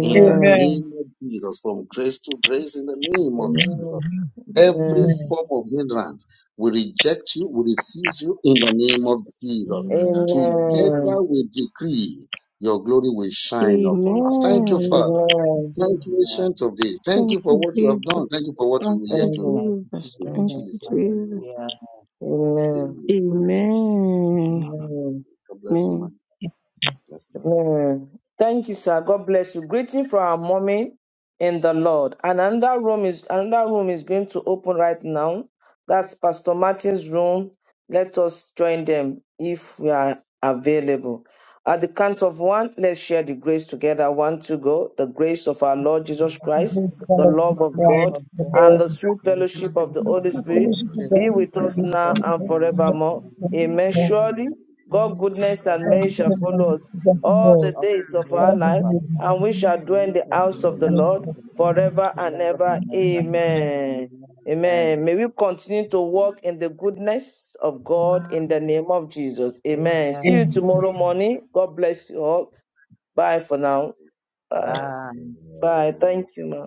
In the
Amen.
name of Jesus, from grace to grace, in the name of Jesus.
Amen.
Every form of hindrance, we reject you, we refuse you, in the name of Jesus.
Amen.
Together we decree, your glory will shine upon us. Thank you, Father.
Amen.
Amen.
Thank you, Ancient of Days. Thank
Thank
you for
you,
what you have
Jesus.
done. Thank you for what you
Thank
will
Amen. Thank
yet
you,
do.
you.
Jesus.
In
Thank
Thank
you.
you,
Jesus' name
Jesus.
we
Hallelujah.
pray.
Amen.
Amen.
Amen.
Amen.
God bless you,
Amen.
man. Bless you.
Mm. Thank you, sir. God bless you. Greeting from our mommy in the Lord. And another room is another room is going to open right now. That's Pastor Martin's room. Let us join them if we are available. At the count of one, let's share the grace together. One to go. The grace of our Lord
In the name
Jesus
of
The
Christ,
grace
Jesus,
of
we
our
the
lift
Lord
love
Jesus
of
the name
God,
of
Christ, the
God
and
Lord,
the sweet
and the true
fellowship of the
fellowship of
Holy
the
the
Spirit
Holy
fellowship
Holy
of
Spirit,
the
be
Spirit.
Holy
with us
Spirit,
now
Jesus,
the
Bless
and
you.
Lord,
now
the
and
forevermore.
the
forevermore.
Amen.
Lord, the
Surely
Amen.
God goodness
God
the
and mercy
Bless you.
bless
shall
and
Bless
follow us
Lord, the
you.
mercy
the
upon
all
us
Lord,
the
Bless
all
days of
the
you. Bless
days
our
you.
All
Bless
of
the
life,
our
days
life.
and we shall
And
dwell in
we
the
you. Bless you.
house
continue
of
in
of
the
the
my
house
Lord
of
Bless
the Lord
forever and
forever
ever.
and ever.
Amen. Amen.
Amen.
May we continue to walk in the goodness of God in the name of Jesus.
you.
Amen. See
life.
you
Amen.
you.
tomorrow
Bless
morning. God bless you all. Bye for now. Bye.
you.
Bye.
Bless
Bye.
you.
Thank you, ma'am.